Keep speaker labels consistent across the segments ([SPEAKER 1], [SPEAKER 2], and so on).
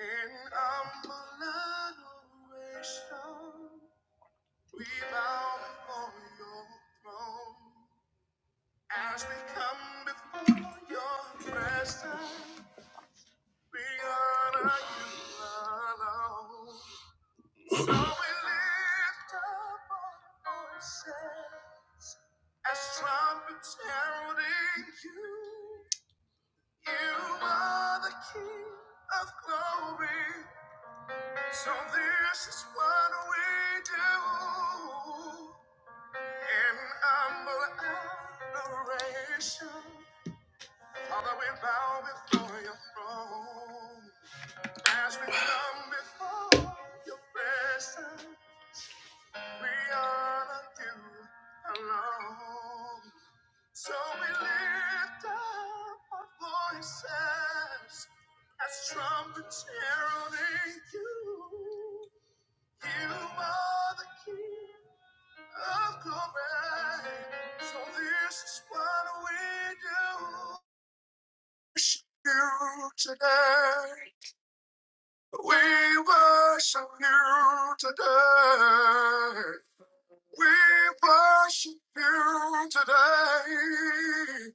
[SPEAKER 1] In humble adoration, we bow before your throne. As we come before your presence, we honor you alone. So we lift up our voices as trumpets heralding you. You are the King of glory. So this is what we do in humble adoration. Father, we bow before your throne. As we come before your presence, we honor you alone. So we lift up our voices as trumpets heralding you. You are the King of glory. So this is what we do. Worship you today. We worship you today. We worship you today.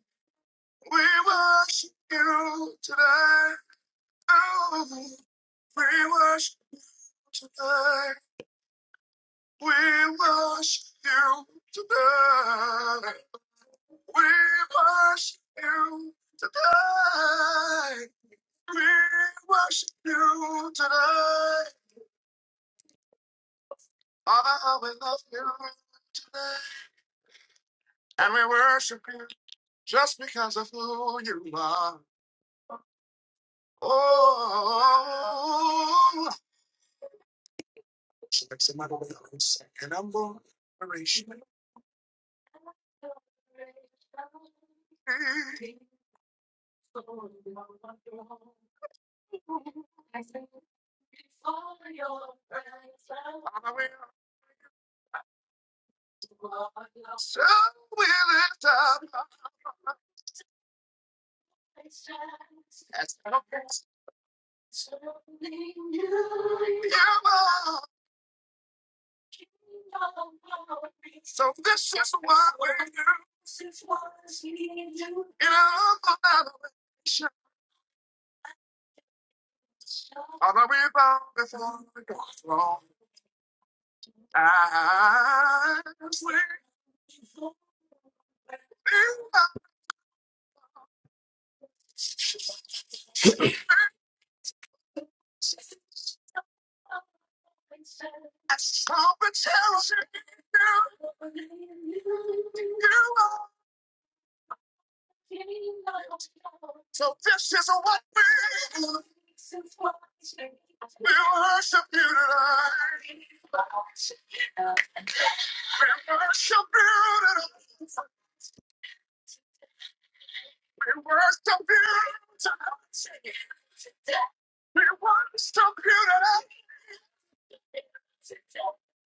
[SPEAKER 1] We worship you today. Oh, we worship you today. We worship you today. We worship you today. We worship you today. Father, how we love you today. And we worship you just because of who you are. Oh, So like Somebody say, my way of second number. Operation. So will it stop? as your love. So this is where you in humble adoration. On a rebound before the throne. Times where you are as strong and challenging you you are. So this is what we worship you tonight. We worship you tonight. We were so good. We were so good. at it.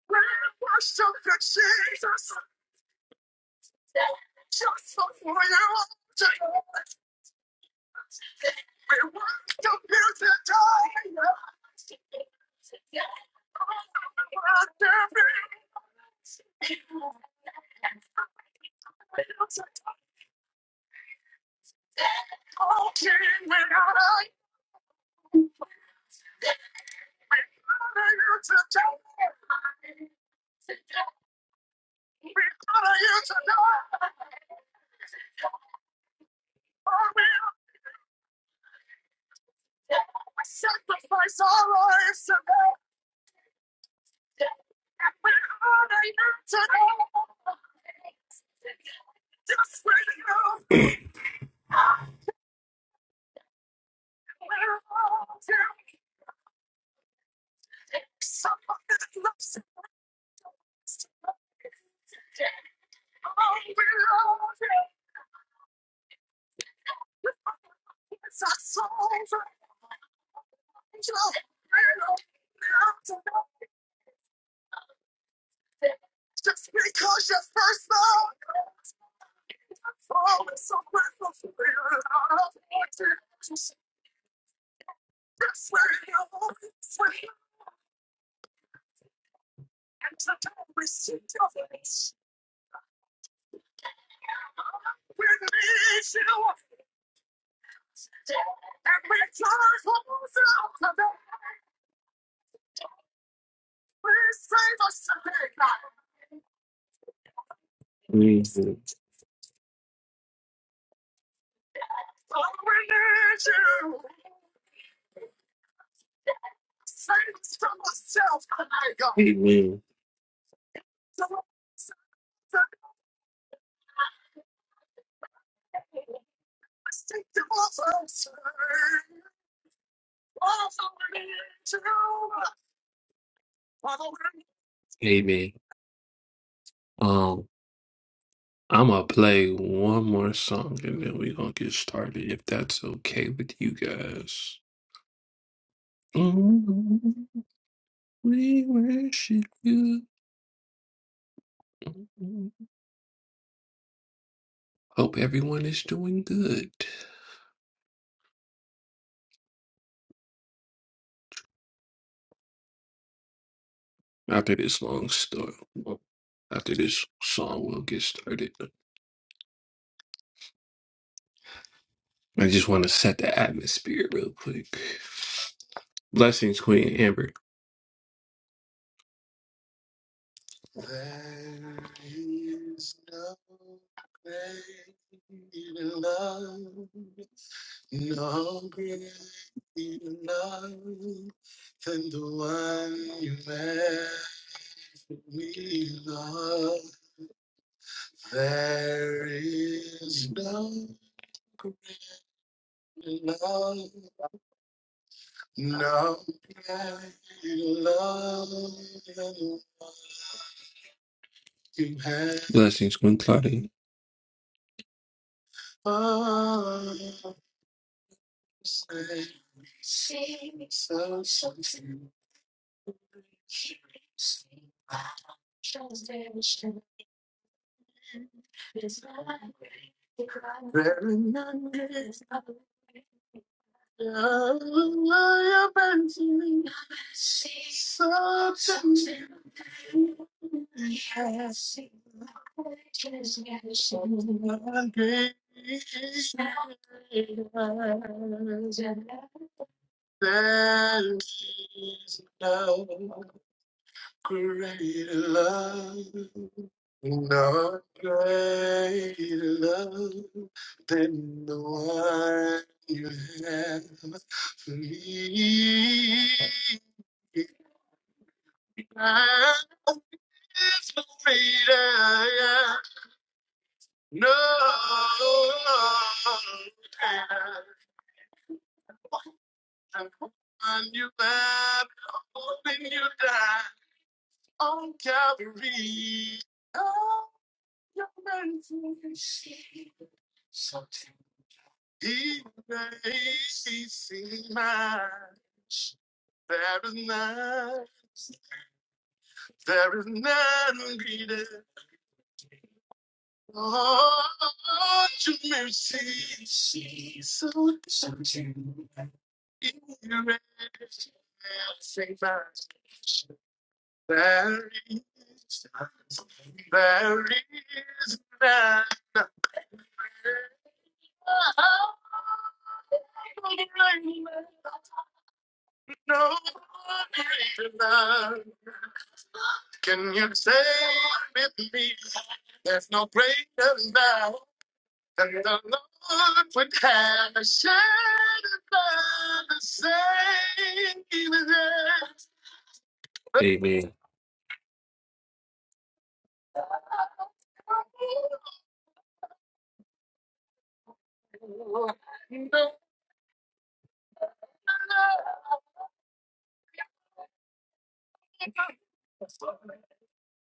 [SPEAKER 1] We were so good, Jesus. Just for you. We were so good to die. After we all came, we gotta honor you today. We honor you today. Oh, we Cause you're the first love. Amen. to Amen. Stick to us and turn to Amen. Um, I'm gonna play one more song and then we're gonna get started if that's okay with you guys. Mm, We worship you. Hope everyone is doing good. After this long story, well, after this song, we'll get started. I just want to set the atmosphere real quick. Blessings, Queen Amber. There is no greater love. No greater love than the one you have left me, love. There is no greater love, no greater love than the one you have. Blessings, Queen Claudia. for us. So soon. so very good. I have been to me. Grace than no greater love, no greater love than the one you have for me. Love is greater, no. And when you left, holding you down on Calvary, oh, your mercy. Something he makes me see mine. There is none, there is none greater. Oh, your mercy, so something you made me see mine. There is, none, there is none, no greater love. Can you say with me? There's no greater love than the Lord would have a shed above the same. with us. Amen.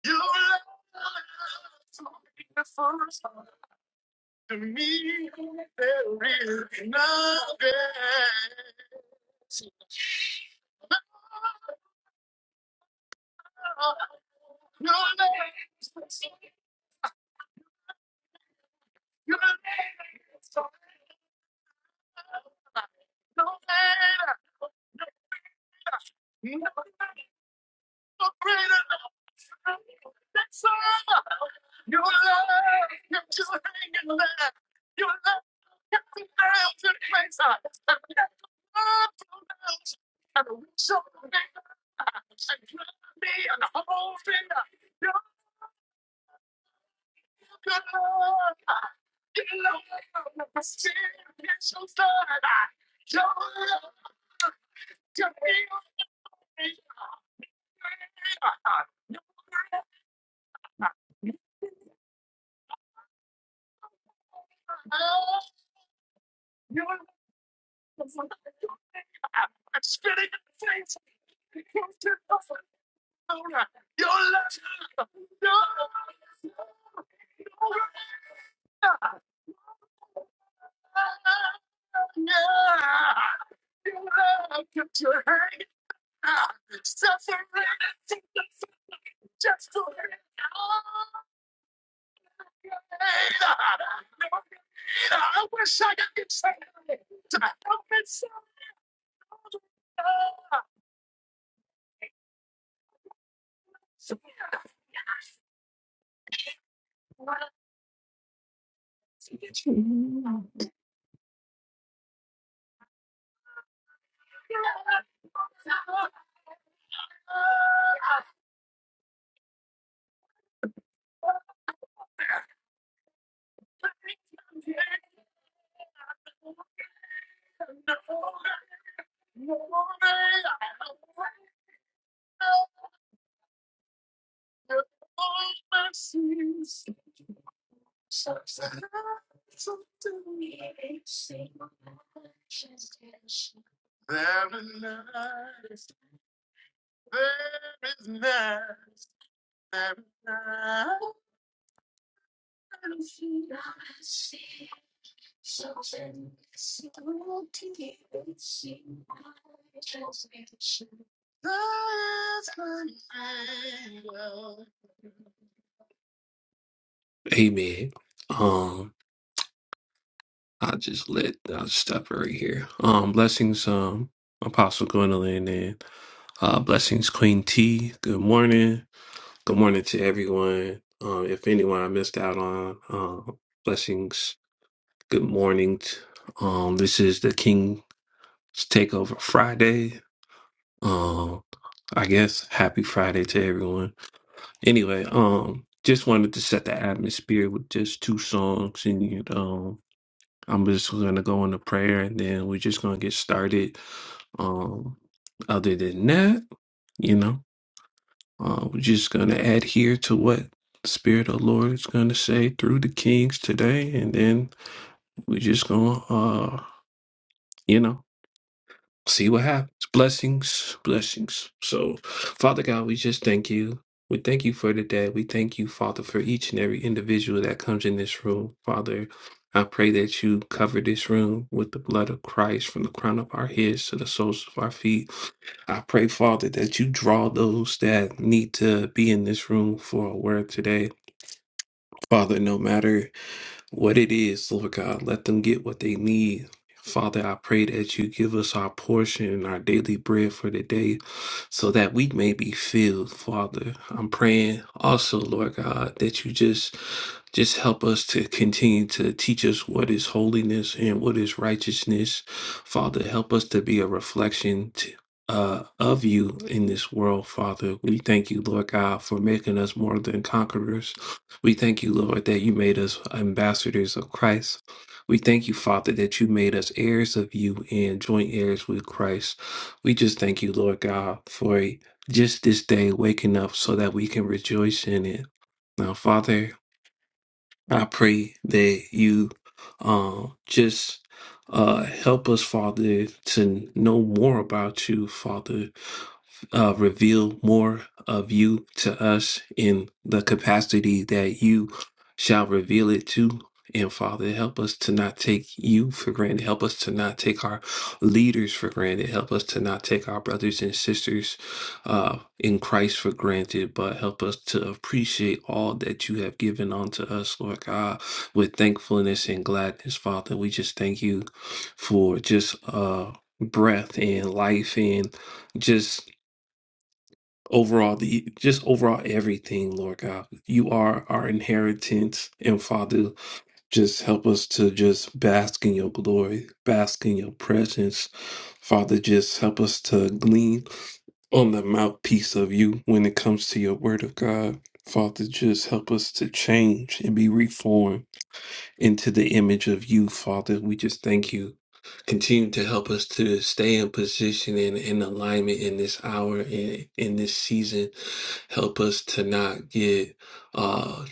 [SPEAKER 1] Your love is so beautiful. To me, there is nothing. Your name, is your name, is so no name, no matter, no greater. That's all. Your love you're just hanging there. Your love found I love you now. Your love. There is none. There is none, none, that's greater. Amen. Um, I just let I'll stop right here. Um, blessings, um, Apostle Gwendolyn and uh blessings Queen T. Good morning. Good morning to everyone. Um, if anyone I missed out on, um, blessings, good morning. t- Um, this is the King's Takeover Friday. Um, I guess happy Friday to everyone. Anyway, um, just wanted to set the atmosphere with just two songs, and um, I'm just gonna go into prayer, and then we're just gonna get started. Um, other than that, you know, uh, we're just gonna adhere to what the Spirit of the Lord is gonna say through the kings today, and then we're just gonna, uh, you know. see what happens. Blessings, blessings. So, Father God, we just thank you. We thank you for today. We thank you, Father, for each and every individual that comes in this room. Father, I pray that you cover this room with the blood of Christ from the crown of our heads to the soles of our feet. I pray, Father, that you draw those that need to be in this room for a word today. Father, no matter what it is, Lord God. Let them get what they need. Father, I pray that you give us our portion and our daily bread for the day so that we may be filled, Father. I'm praying also, Lord God, that you just just help us to continue to teach us what is holiness and what is righteousness. Father, help us to be a reflection to, uh, of you in this world, Father. We thank you, Lord God, for making us more than conquerors. We thank you, Lord, that you made us ambassadors of Christ. We thank you, Father, that you made us heirs of you and joint heirs with Christ. We just thank you, Lord God, for just this day waking up so that we can rejoice in it. Now, Father, I pray that you um, just uh, help us, Father, to know more about you, Father. Uh, reveal more of you to us in the capacity that you shall reveal it to. And Father, help us to not take you for granted. Help us to not take our leaders for granted. Help us to not take our brothers and sisters uh, in Christ for granted, but help us to appreciate all that you have given unto us, Lord God, with thankfulness and gladness, Father. We just thank you for just uh, breath and life and just overall the just overall everything lord god you are our inheritance and father just help us to just bask in your glory bask in your presence father just help us to glean on the mouthpiece of you when it comes to your word of God. Father, just help us to change and be reformed into the image of you, Father. We just thank you. Continue to help us to stay in position and in alignment in this hour and in this season. Help us to not get uh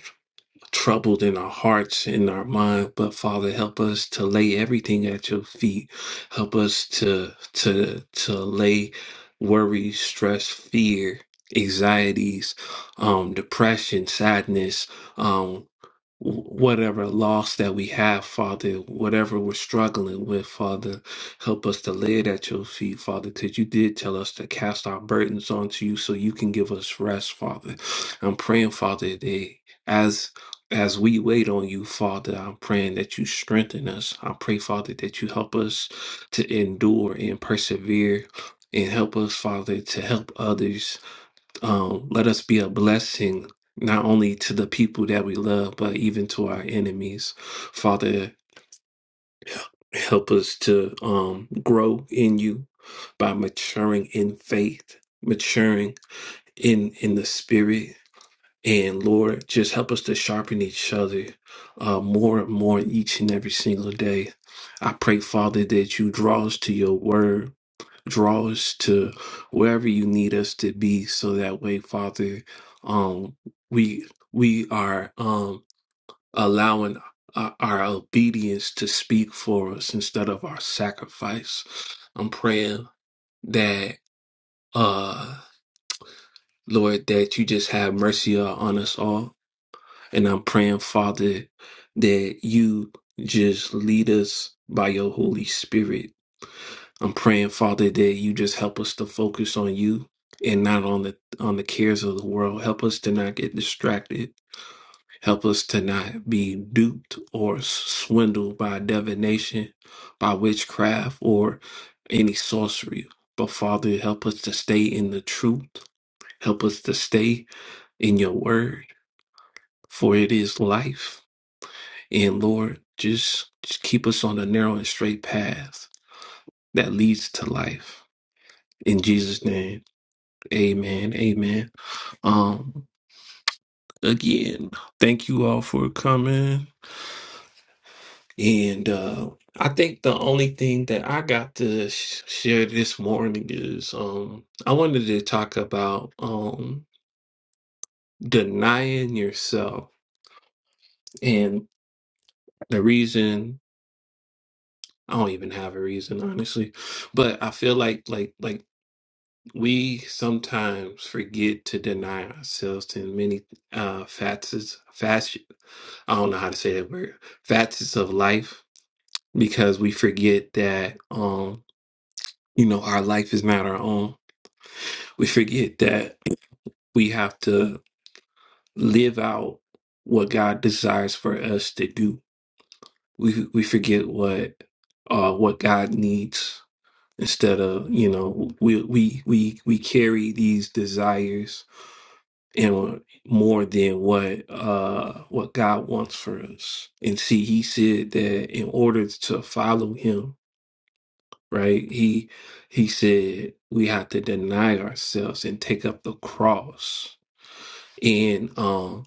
[SPEAKER 1] troubled in our hearts in our mind but father help us to lay everything at your feet help us to to to lay worry stress fear anxieties um depression sadness um whatever loss that we have, Father, whatever we're struggling with, Father, help us to lay it at your feet, Father, because you did tell us to cast our burdens onto you so you can give us rest, Father. I'm praying, Father, that as as we wait on you, Father, I'm praying that you strengthen us. I pray, Father, that you help us to endure and persevere and help us, Father, to help others um, let us be a blessing not only to the people that we love, but even to our enemies. Father, help us to um, grow in you by maturing in faith, maturing in in the spirit. And Lord, just help us to sharpen each other uh, more and more each and every single day. I pray, Father, that you draw us to your word draw us to wherever you need us to be so that way father um we we are um allowing our, our obedience to speak for us instead of our sacrifice i'm praying that uh lord that you just have mercy on us all and i'm praying father that you just lead us by your holy spirit I'm praying, Father, that you just help us to focus on you and not on the on the cares of the world. Help us to not get distracted. Help us to not be duped or swindled by divination, by witchcraft, or any sorcery. But Father, help us to stay in the truth. Help us to stay in your word, for it is life. And Lord, just, just keep us on the narrow and straight path that leads to life. In Jesus' name. Amen. Amen. Um again, thank you all for coming. And uh I think the only thing that I got to sh- share this morning is um I wanted to talk about um denying yourself. And the reason I don't even have a reason honestly, but I feel like like like we sometimes forget to deny ourselves in many uh facets I don't know how to say that word, facets of life because we forget that um you know our life is not our own. We forget that we have to live out what God desires for us to do. We we forget what uh what God needs instead of, you know, we we we we carry these desires and more than what uh what God wants for us. And see, he said that in order to follow him right? He he said we have to deny ourselves and take up the cross. And um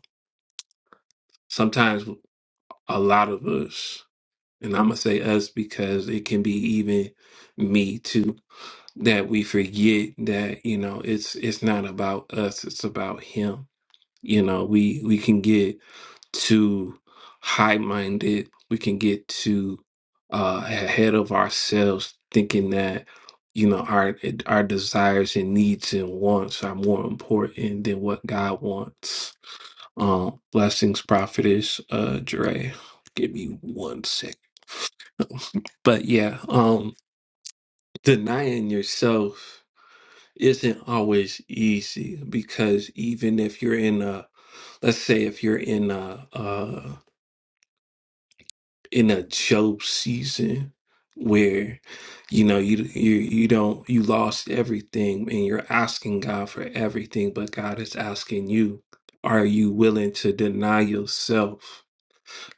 [SPEAKER 1] sometimes a lot of us, and I'm gonna say us because it can be even me too, that we forget that, you know, it's it's not about us, it's about him. You know, we we can get too high minded. We can get too uh, ahead of ourselves, thinking that you know our our desires and needs and wants are more important than what God wants. Um, blessings, prophetess, uh, Dre. Give me one sec. But yeah, um, denying yourself isn't always easy because even if you're in a, let's say if you're in a, uh in a Job season where you know you you you don't you lost everything and you're asking God for everything, but God is asking you, are you willing to deny yourself,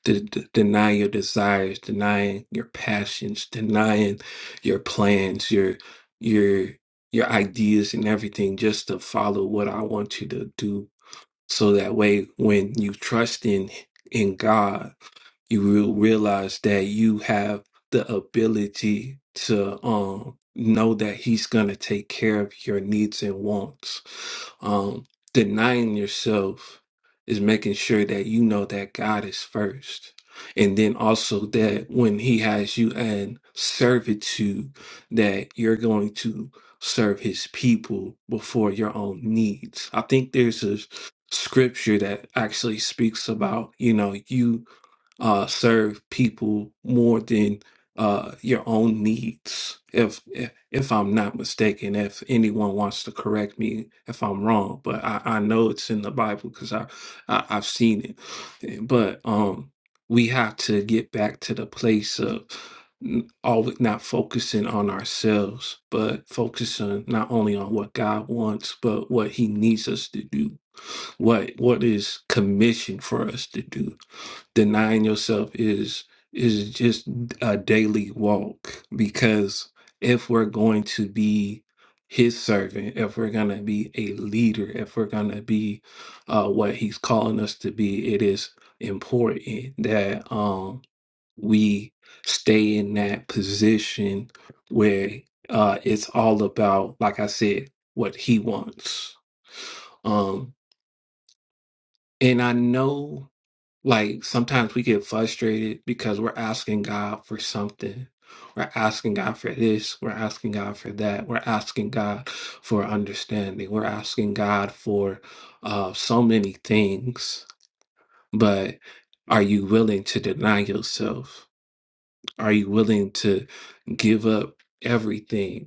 [SPEAKER 1] to d- deny your desires, denying your passions, denying your plans, your your your ideas and everything just to follow what I want you to do so that way when you trust in in God you will realize that you have the ability to um know that he's gonna take care of your needs and wants. Um denying yourself is making sure that you know that God is first. And then also that when he has you in servitude, that you're going to serve his people before your own needs. I think there's a scripture that actually speaks about, you know, you uh, serve people more than uh, your own needs. If if I'm not mistaken, if anyone wants to correct me if I'm wrong, but I, I know it's in the Bible because I, I I've seen it. But um, we have to get back to the place of n- always not focusing on ourselves, but focusing not only on what God wants, but what He needs us to do, what what is commissioned for us to do denying yourself is is just a daily walk because if we're going to be his servant if we're going to be a leader if we're going to be uh, what he's calling us to be it is important that um we stay in that position where uh it's all about like i said what he wants um and i know like sometimes we get frustrated because we're asking God for something. We're asking God for this. We're asking God for that. We're asking God for understanding. We're asking God for uh, so many things. But are you willing to deny yourself? Are you willing to give up everything?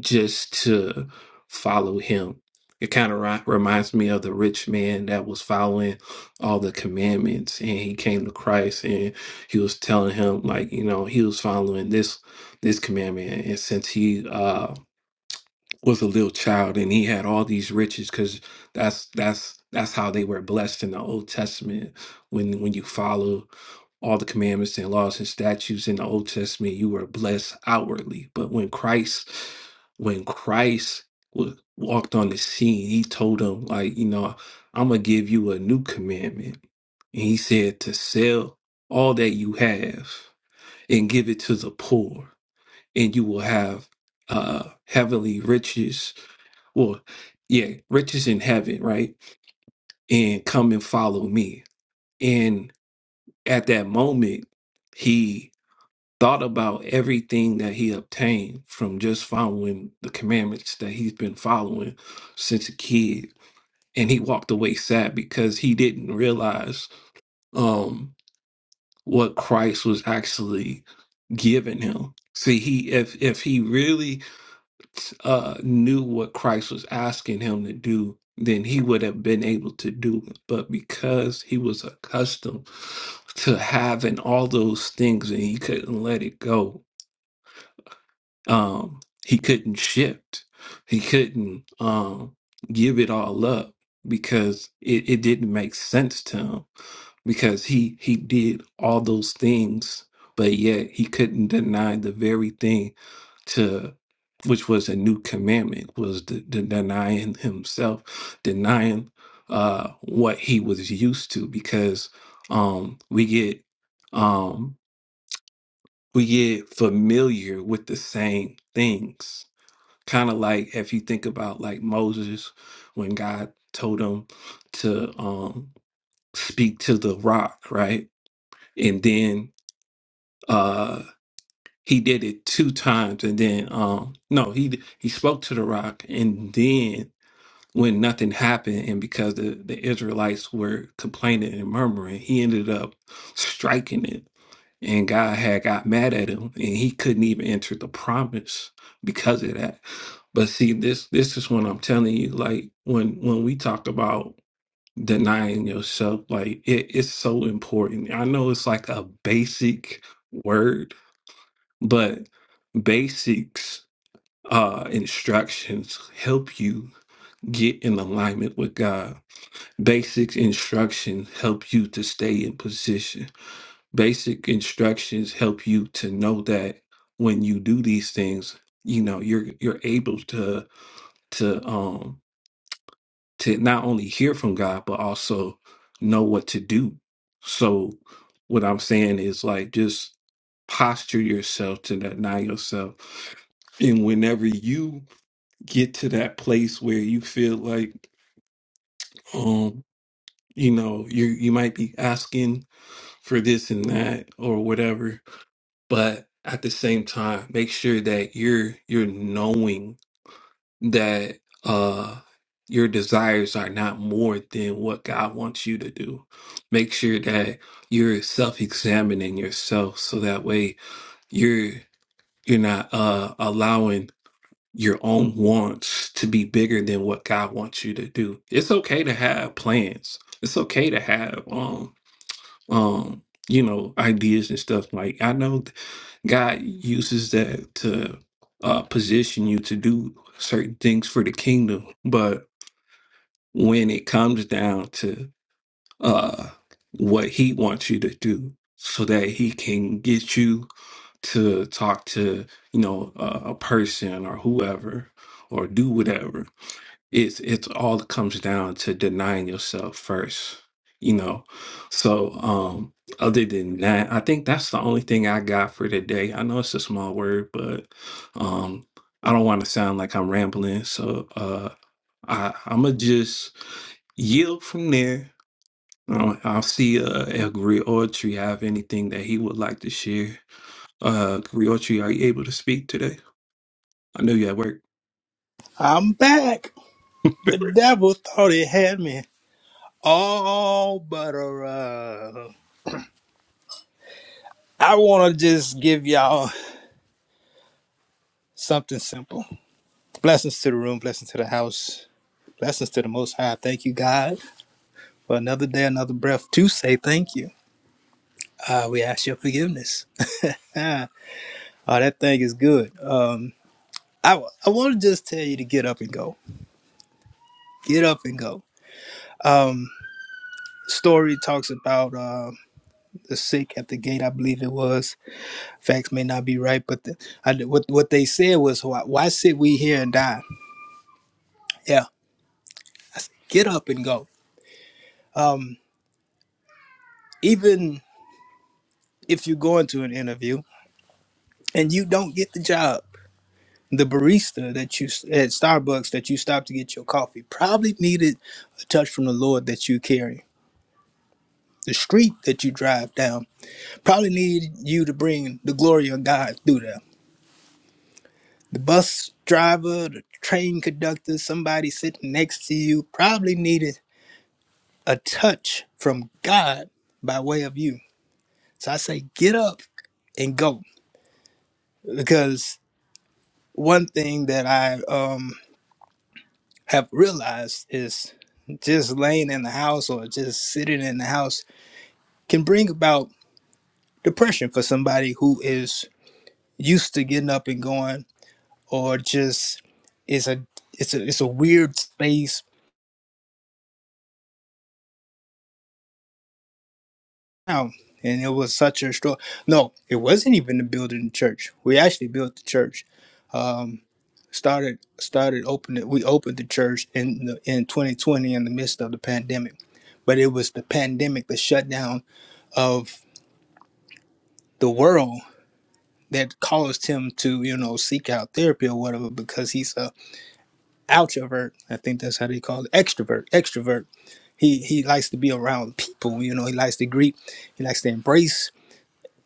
[SPEAKER 1] just to follow him. It kind of ri- reminds me of the rich man that was following all the commandments and he came to Christ and he was telling him like, you know, he was following this this commandment and since he uh was a little child and he had all these riches because that's that's that's how they were blessed in the old testament when when you follow all the commandments and laws and statutes in the old testament you were blessed outwardly but when christ when christ wa- walked on the scene he told them like you know i'm gonna give you a new commandment and he said to sell all that you have and give it to the poor and you will have uh heavenly riches well, yeah, riches in heaven, right? And come and follow me. And at that moment, he thought about everything that he obtained from just following the commandments that he's been following since a kid. And he walked away sad because he didn't realize um, what Christ was actually giving him. See, he if if he really uh, knew what Christ was asking him to do, then he would have been able to do it. But because he was accustomed to having all those things and he couldn't let it go, um, he couldn't shift. He couldn't um, give it all up because it, it didn't make sense to him because he he did all those things but yet he couldn't deny the very thing to which was a new commandment was the, the denying himself denying uh what he was used to because um we get um we get familiar with the same things kind of like if you think about like moses when god told him to um speak to the rock right and then uh he did it two times and then um no he he spoke to the rock and then when nothing happened and because the, the israelites were complaining and murmuring he ended up striking it and god had got mad at him and he couldn't even enter the promise because of that but see this this is what i'm telling you like when when we talk about denying yourself like it, it's so important i know it's like a basic word but basics uh instructions help you get in alignment with God. Basic instructions help you to stay in position. Basic instructions help you to know that when you do these things, you know, you're you're able to to um to not only hear from God but also know what to do. So what I'm saying is like just posture yourself to deny yourself. And whenever you get to that place where you feel like um you know you you might be asking for this and that or whatever, but at the same time make sure that you're you're knowing that uh your desires are not more than what God wants you to do. Make sure that you're self-examining yourself so that way you're you're not uh allowing your own wants to be bigger than what God wants you to do. It's okay to have plans. It's okay to have um um you know ideas and stuff like I know God uses that to uh, position you to do certain things for the kingdom. But when it comes down to uh, what He wants you to do, so that He can get you to talk to, you know, uh, a a person or whoever or do whatever, it's it's all comes down to denying yourself first you know so um other than that i think that's the only thing i got for today i know it's a small word but um i don't want to sound like i'm rambling so uh i i'm gonna just yield from there Uh, i'll see uh if Griotri have anything that he would like to share uh Griotri, are you able to speak today i know you at work
[SPEAKER 2] I'm back. The devil thought he had me all but around. I want to just give y'all something simple. Blessings to the room, blessings to the house, blessings to the Most High. Thank you, God, for another day, another breath to say thank you. Uh, we ask your forgiveness. oh, that thing is good. Um, I, I want to just tell you to get up and go. Get up and go. Um, story talks about uh, the sick at the gate, I believe it was facts may not be right, but the, I, what what they said was, why, why sit we here and die? Yeah, I said, get up and go. Um, even if you go into an interview and you don't get the job, the barista that you s- at Starbucks that you stopped to get your coffee probably needed a touch from the Lord that you carry. The street that you drive down probably needed you to bring the glory of God through there. The bus driver, the train conductor, somebody sitting next to you probably needed a touch from God by way of you. So I say, get up and go. Because one thing that I um, have realized is just laying in the house or just sitting in the house can bring about depression for somebody who is used to getting up and going or just it's a it's a it's a weird space now and it was such a struggle no it wasn't even the building the church we actually built the church Um. started started opening we opened the church in the, in 2020 in the midst of the pandemic but it was the pandemic the shutdown of the world that caused him to you know seek out therapy or whatever because he's a outrovert i think that's how they call it extrovert extrovert he he likes to be around people you know he likes to greet he likes to embrace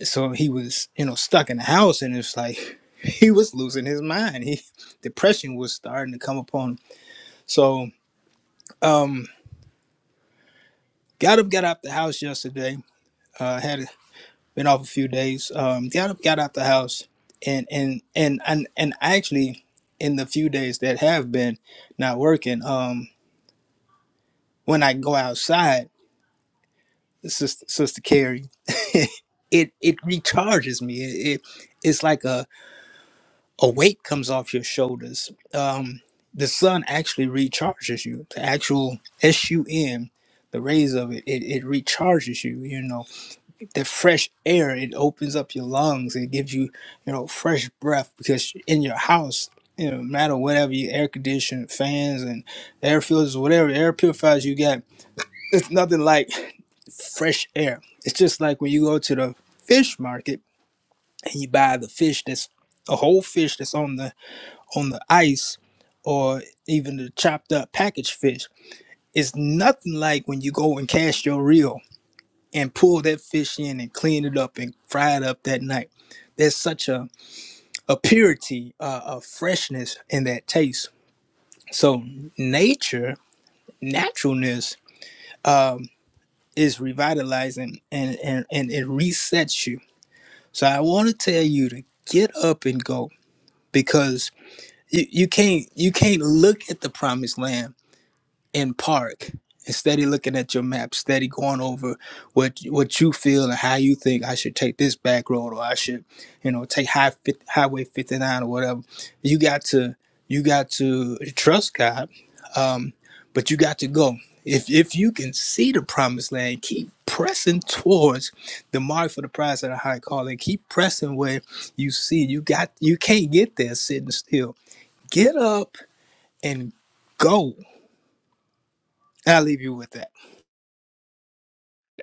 [SPEAKER 2] so he was you know stuck in the house and it's like he was losing his mind he depression was starting to come upon him so um Got up, got out the house yesterday. Uh, had been off a few days. Um, got up, got out the house, and and and and and actually, in the few days that have been not working, um, when I go outside, sister, sister Carrie, it it recharges me. It, it it's like a a weight comes off your shoulders. Um, the sun actually recharges you. The actual S U N, the rays of it, it, it recharges you. You know the fresh air it opens up your lungs it gives you you know fresh breath because in your house you know no matter whatever your air conditioning fans and air filters whatever air purifiers you got it's nothing like fresh air it's just like when you go to the fish market and you buy the fish that's a whole fish that's on the on the ice or even the chopped up packaged fish it's nothing like when you go and cast your reel and pull that fish in and clean it up and fry it up that night. There's such a, a purity, uh, a freshness in that taste. So nature, naturalness um, is revitalizing and, and, and it resets you. So I want to tell you to get up and go because you, you can't you can't look at the promised land in park and steady looking at your map, steady going over what what you feel and how you think I should take this back road or I should, you know, take high highway 59 or whatever. You got to you got to trust God, um, but you got to go. If if you can see the promised land, keep pressing towards the mark for the prize of the high calling. Keep pressing where you see you got you can't get there sitting still. Get up and go. I'll leave you with that.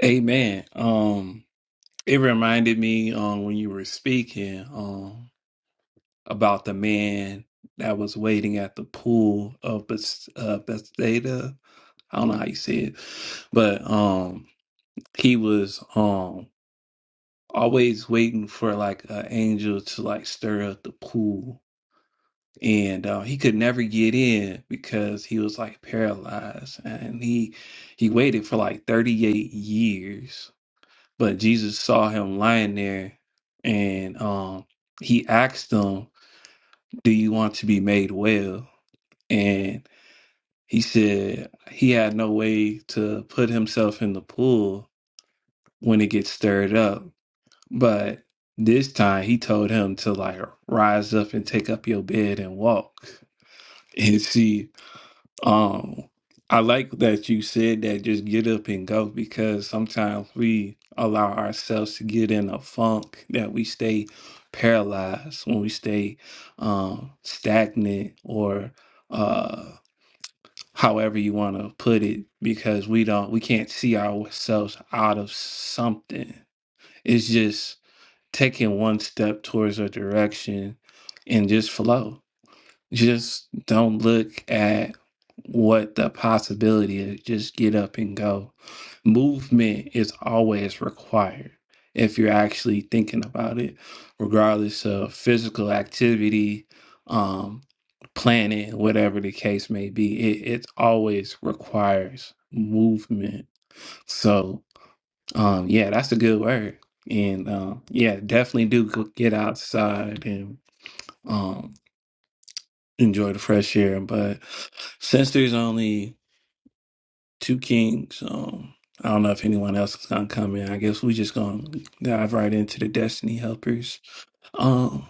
[SPEAKER 1] Amen. Um, It reminded me um, when you were speaking um, about the man that was waiting at the pool of Bes- uh, Bethesda. I don't know how you say it, but um, he was um always waiting for like an angel to like stir up the pool, and uh, he could never get in because he was like paralyzed, and he he waited for like thirty eight years But Jesus saw him lying there and um, he asked him, Do you want to be made well? And he said he had no way to put himself in the pool when it gets stirred up. But this time he told him to like rise up and take up your bed and walk. And see, Um, I like that you said that just get up and go because sometimes we allow ourselves to get in a funk that we stay paralyzed when we stay um, stagnant or uh, however you want to put it because we don't we can't see ourselves out of something. It's just taking one step towards a direction and just flow. Just don't look at what the possibility is. Just get up and go. Movement is always required if you're actually thinking about it, regardless of physical activity, um, planning, whatever the case may be. It, it always requires movement. So, um, yeah, that's a good word. And um, yeah, definitely do go get outside and um enjoy the fresh air. But since there's only two kings, um, I don't know if anyone else is gonna come in. I guess we just gonna dive right into the destiny helpers. Um,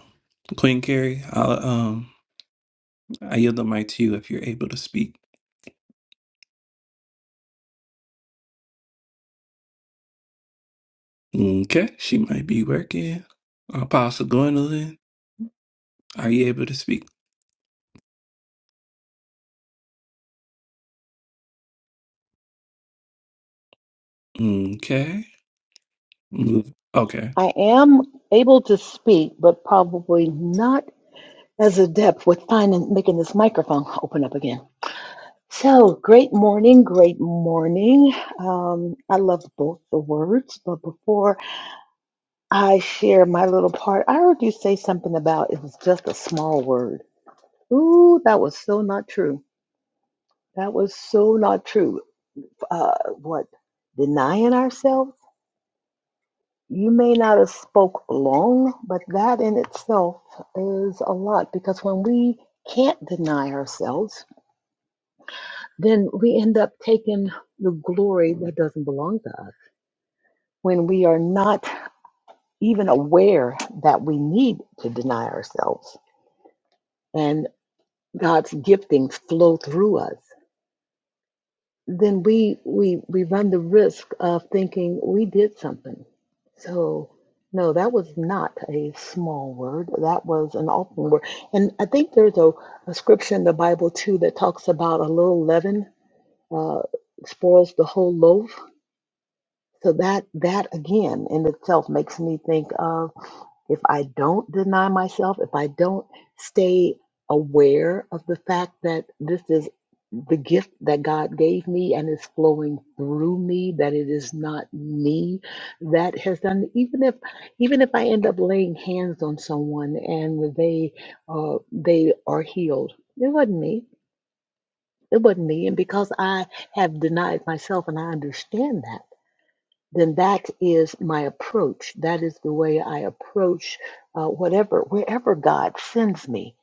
[SPEAKER 1] Queen Carrie, I'll um, I yield the mic to you if you're able to speak. Okay, she might be working. Apostle Gwendolyn, are you able to speak? Okay. Mm, Okay.
[SPEAKER 3] I am able to speak, but probably not as adept with finding making this microphone open up again. So great morning, great morning. Um, I love both the words, but before I share my little part, I heard you say something about it was just a small word. Ooh, that was so not true. That was so not true. Uh, what denying ourselves? You may not have spoke long, but that in itself is a lot because when we can't deny ourselves, then we end up taking the glory that doesn't belong to us. When we are not even aware that we need to deny ourselves and God's giftings flow through us. then we we we run the risk of thinking we did something. So no, that was not a small word. That was an awful word. And I think there's a, a scripture in the Bible too that talks about a little leaven uh, spoils the whole loaf. So that that again in itself makes me think of if I don't deny myself, if I don't stay aware of the fact that this is the gift that God gave me and is flowing through me, that it is not me that has done. Even if, even if I end up laying hands on someone and they, uh, they are healed, it wasn't me. It wasn't me, and because I have denied myself, and I understand that then that is my approach. That is the way I approach uh, whatever, wherever God sends me.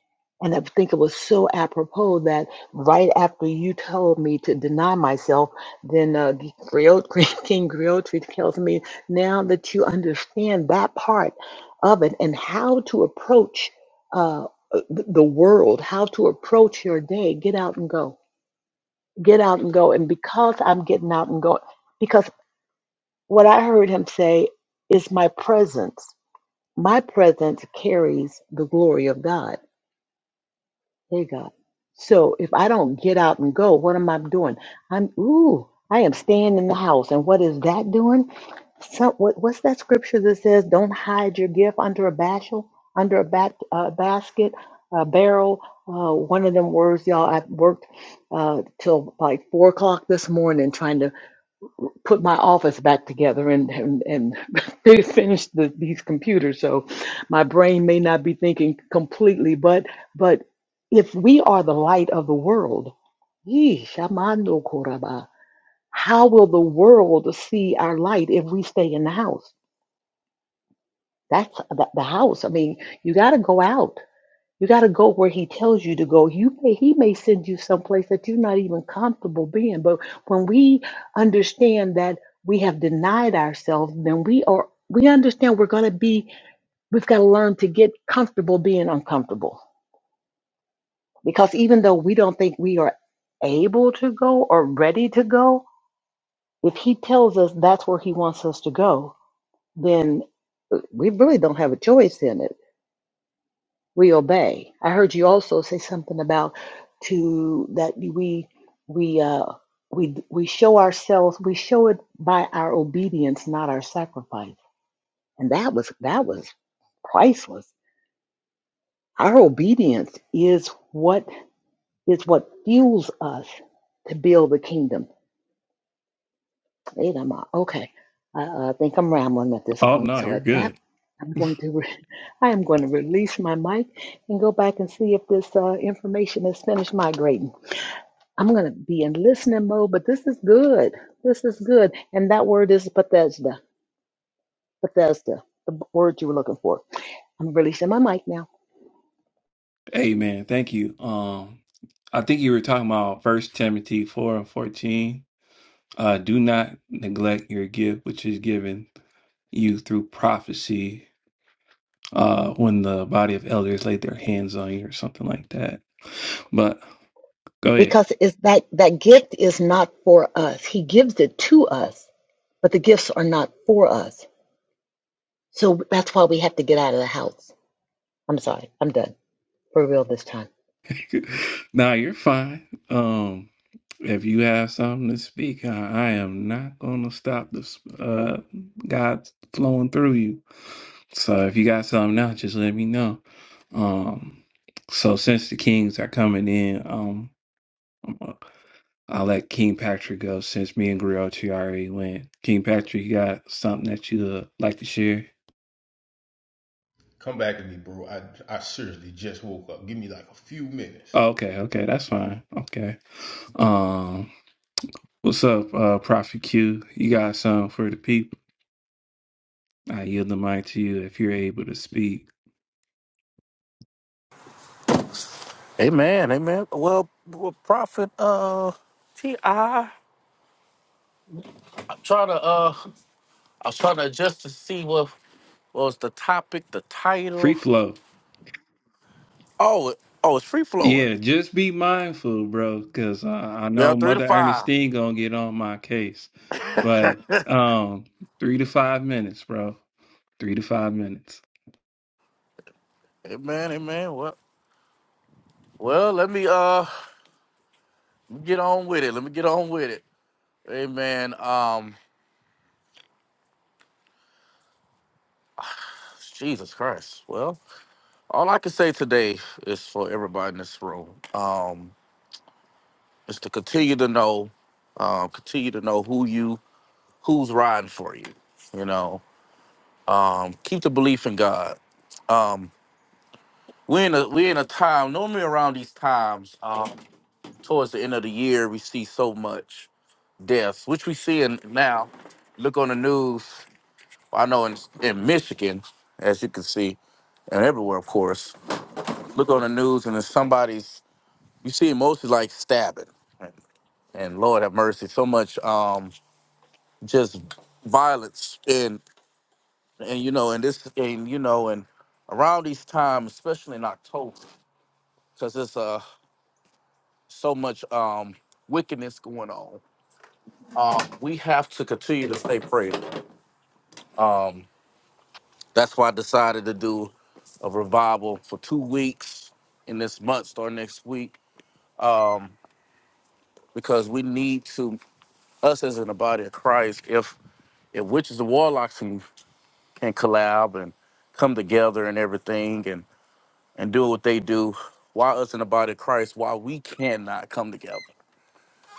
[SPEAKER 3] And I think it was so apropos that right after you told me to deny myself, then uh, Griot, King Griotri tells me now that you understand that part of it and how to approach uh, the the world, how to approach your day, get out and go. Get out and go. And because I'm getting out and going, because. What I heard him say is my presence. My presence carries the glory of God. Hey, God. So if I don't get out and go, what am I doing? I'm, ooh, I am staying in the house. And what is that doing? Some, what, what's that scripture that says, don't hide your gift under a bashel, under a bat, uh, basket, a barrel? Uh, one of them words, y'all, i worked uh, till like four o'clock this morning trying to put my office back together and and, and fi- finish the, these computers. So my brain may not be thinking completely, but but if we are the light of the world, yee, shamando koraba, how will the world see our light if we stay in the house? That's the, the house. I mean, you got to go out. You got to go where he tells you to go. You may, he may send you someplace that you're not even comfortable being. But when we understand that we have denied ourselves, then we are we understand we're going to be we've got to learn to get comfortable being uncomfortable. Because even though we don't think we are able to go or ready to go, if he tells us that's where he wants us to go, then uh, we really don't have a choice in it we obey. I heard you also say something about to that we we uh we we show ourselves we show it by our obedience, not our sacrifice. And that was that was priceless. Our obedience is what is what fuels us to build the kingdom. Wait, I'm uh, okay. I uh, think I'm rambling at this
[SPEAKER 1] Oh
[SPEAKER 3] point.
[SPEAKER 1] no,
[SPEAKER 3] So
[SPEAKER 1] you're
[SPEAKER 3] at that,
[SPEAKER 1] good.
[SPEAKER 3] I'm going to re- I am going to release my mic and go back and see if this uh, information has finished migrating. I'm going to be in listening mode, but this is good. This is good. And that word is Bethesda. Bethesda, the word you were looking for. I'm releasing my mic now
[SPEAKER 1] Amen. Thank you. Um, I think you were talking about First Timothy four and fourteen Uh, do not neglect your gift, which is given you through prophecy uh, when the body of elders laid their hands on you or something like that. But go ahead.
[SPEAKER 3] because it's that, that gift is not for us. He gives it to us, but the gifts are not for us. So that's why we have to get out of the house. I'm sorry. I'm done for real this time.
[SPEAKER 1] nah, you're fine. Um, if you have something to speak, I, I am not going to stop this uh, God flowing through you. So if you got something now, just let me know. Um, so since the kings are coming in, um, i let King Patrick go since me and Griotri already went. King Patrick, you got something that you uh, like to share?
[SPEAKER 4] Come back to me, bro. I I seriously just woke up. Give me like a few minutes.
[SPEAKER 1] Oh, okay, okay, that's fine. Okay. Um, what's up, uh, Prophet Q? You got something for the people? I yield the mic to you if you're able to speak.
[SPEAKER 5] Amen, amen. Well, well Prophet uh T I I'm trying to uh I was trying to adjust to see what, was the topic, the
[SPEAKER 1] Free
[SPEAKER 5] title.
[SPEAKER 1] flow.
[SPEAKER 5] Oh it- oh it's free flowing.
[SPEAKER 1] Yeah, just be mindful, bro, because uh, I
[SPEAKER 5] Yeah,
[SPEAKER 1] know
[SPEAKER 5] three to
[SPEAKER 1] Mother
[SPEAKER 5] five.
[SPEAKER 1] Ernestine gonna get on my case. But um, three to five minutes, bro. Three to five minutes.
[SPEAKER 5] Amen, amen. Well well let me uh get on with it. Let me get on with it. Amen. Um Jesus Christ. Well, all I can say today is for everybody in this room. Um is to continue to know, um, continue to know who you who's riding for you. You know, um, keep the belief in God. Um, we're in a we're in a time normally around these times, um, towards the end of the year, we see so much deaths, which we see in now. Look on the news. I know in in Michigan, as you can see, and everywhere, of course. Look on the news, and then somebody's you see mostly like stabbing, and, and Lord have mercy, so much um, just violence in. and you know, and this, and you know, and around these times, especially in October, because there's uh so much um wickedness going on. Um, we have to continue to stay prayed. Um, that's why I decided to do a revival for two weeks in this month, starting next week, um, because we need to us as in the body of Christ. If if witches and warlocks can, can collab and come together and everything, and doing what they do, why us in the body of Christ, why we cannot come together.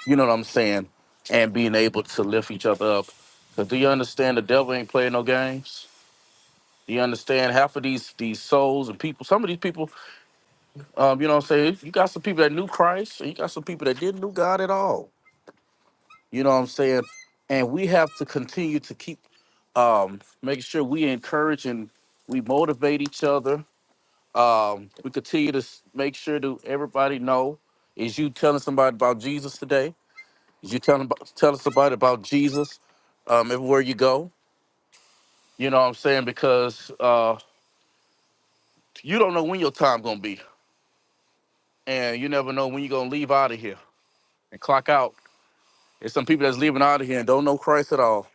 [SPEAKER 5] You know what I'm saying? And being able to lift each other up. Because do you understand the devil ain't playing no games? Do you understand half of these these souls and people? Some of these people, um, you know what I'm saying? You got some people that knew Christ, and you got some people that didn't know God at all. You know what I'm saying? And we have to continue to keep um, making sure we encourage and we motivate each other Um, we continue to s- make sure to everybody know is you telling somebody about Jesus today? Is you telling abo- telling somebody about Jesus um, everywhere you go? You know what I'm saying? Because uh, you don't know when your time gonna be, and you never know when you're gonna leave out of here and clock out. There's some people that's leaving out of here and don't know Christ at all.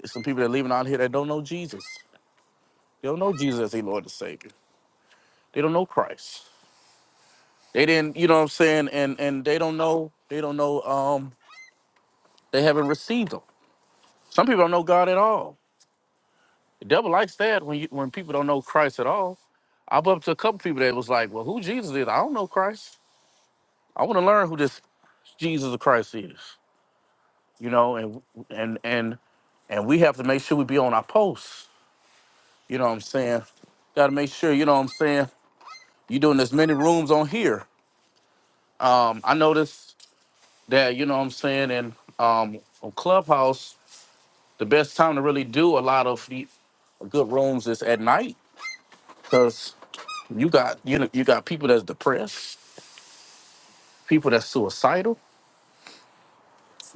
[SPEAKER 5] There's some people that leaving out of here that don't know Jesus. They don't know Jesus as their Lord and Savior. They don't know Christ. They didn't, you know what I'm saying? And and they don't know, they don't know, um, they haven't received him. Some people don't know God at all. The devil likes that when you, when people don't know Christ at all. I bumped to a couple people that was like, "Well, who Jesus is? I don't know Christ. I want to learn who this Jesus of Christ is." You know, and and and and we have to make sure we be on our posts. You know what I'm saying? Got to make sure. You know what I'm saying? You're doing as many rooms on here. Um, I noticed that. You know what I'm saying? And um, on Clubhouse, the best time to really do a lot of the good rooms is at night because You got you know, you got people that's depressed, people that's suicidal,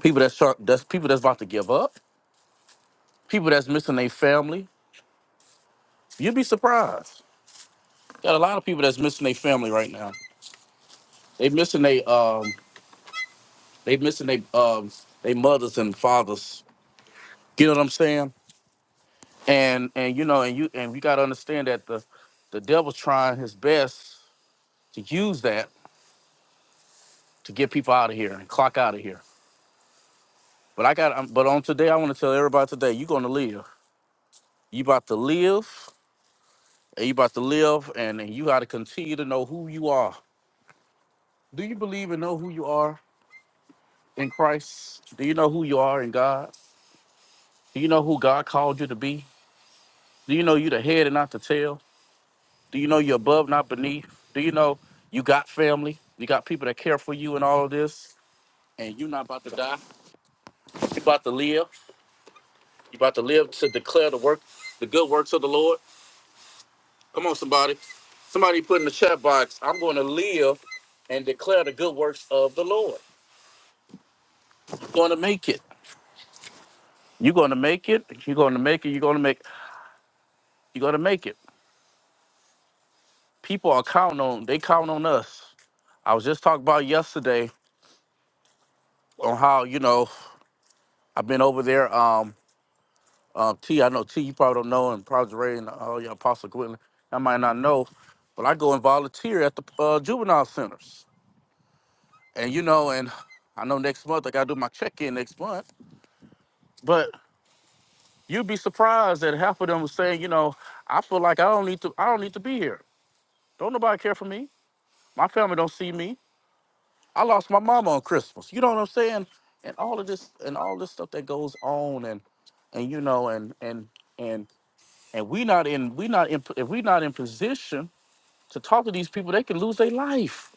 [SPEAKER 5] people that's try- that's people that's about to give up, people that's missing their family. You'd be surprised. Got a lot of people that's missing their family right now. They missing they um they missing they um they mothers and fathers. You know what I'm saying? And and you know and you and we gotta understand that the the devil's trying his best to use that to get people out of here and clock out of here. But I got um, but on today I want to tell everybody today you're gonna live. You about to live and you about to live, and then you got to continue to know who you are. Do you believe and know who you are in Christ? Do you know who you are in God? Do you know who God called you to be? Do you know you're the head and not the tail? Do you know you're above, not beneath? Do you know you got family? You got people that care for you and all of this, and you're not about to die. You're about to live. You're about to live to declare the work, the good works of the Lord. Come on, somebody. Somebody put in the chat box, I'm going to live and declare the good works of the Lord. You're going to make it. You're gonna make it. You're gonna make it. You're gonna make. You're gonna make it. People are counting on. They count on us. I was just talking about yesterday on how you know I've been over there. Um, uh, T. I know T. You probably don't know, and probably Ray and all your Apostle Gwendolyn. I might not know, but I go and volunteer at the uh, juvenile centers. And you know, and I know next month I gotta do my check-in next month. But you'd be surprised that half of them were saying, you know, I feel like I don't need to. I don't need to be here. Don't nobody care for me. My family don't see me I lost my mama on Christmas. You know what I'm saying? And all of this and all this stuff that goes on and and you know and and and and we not in we not in if we not in position to talk to these people, they can lose their life.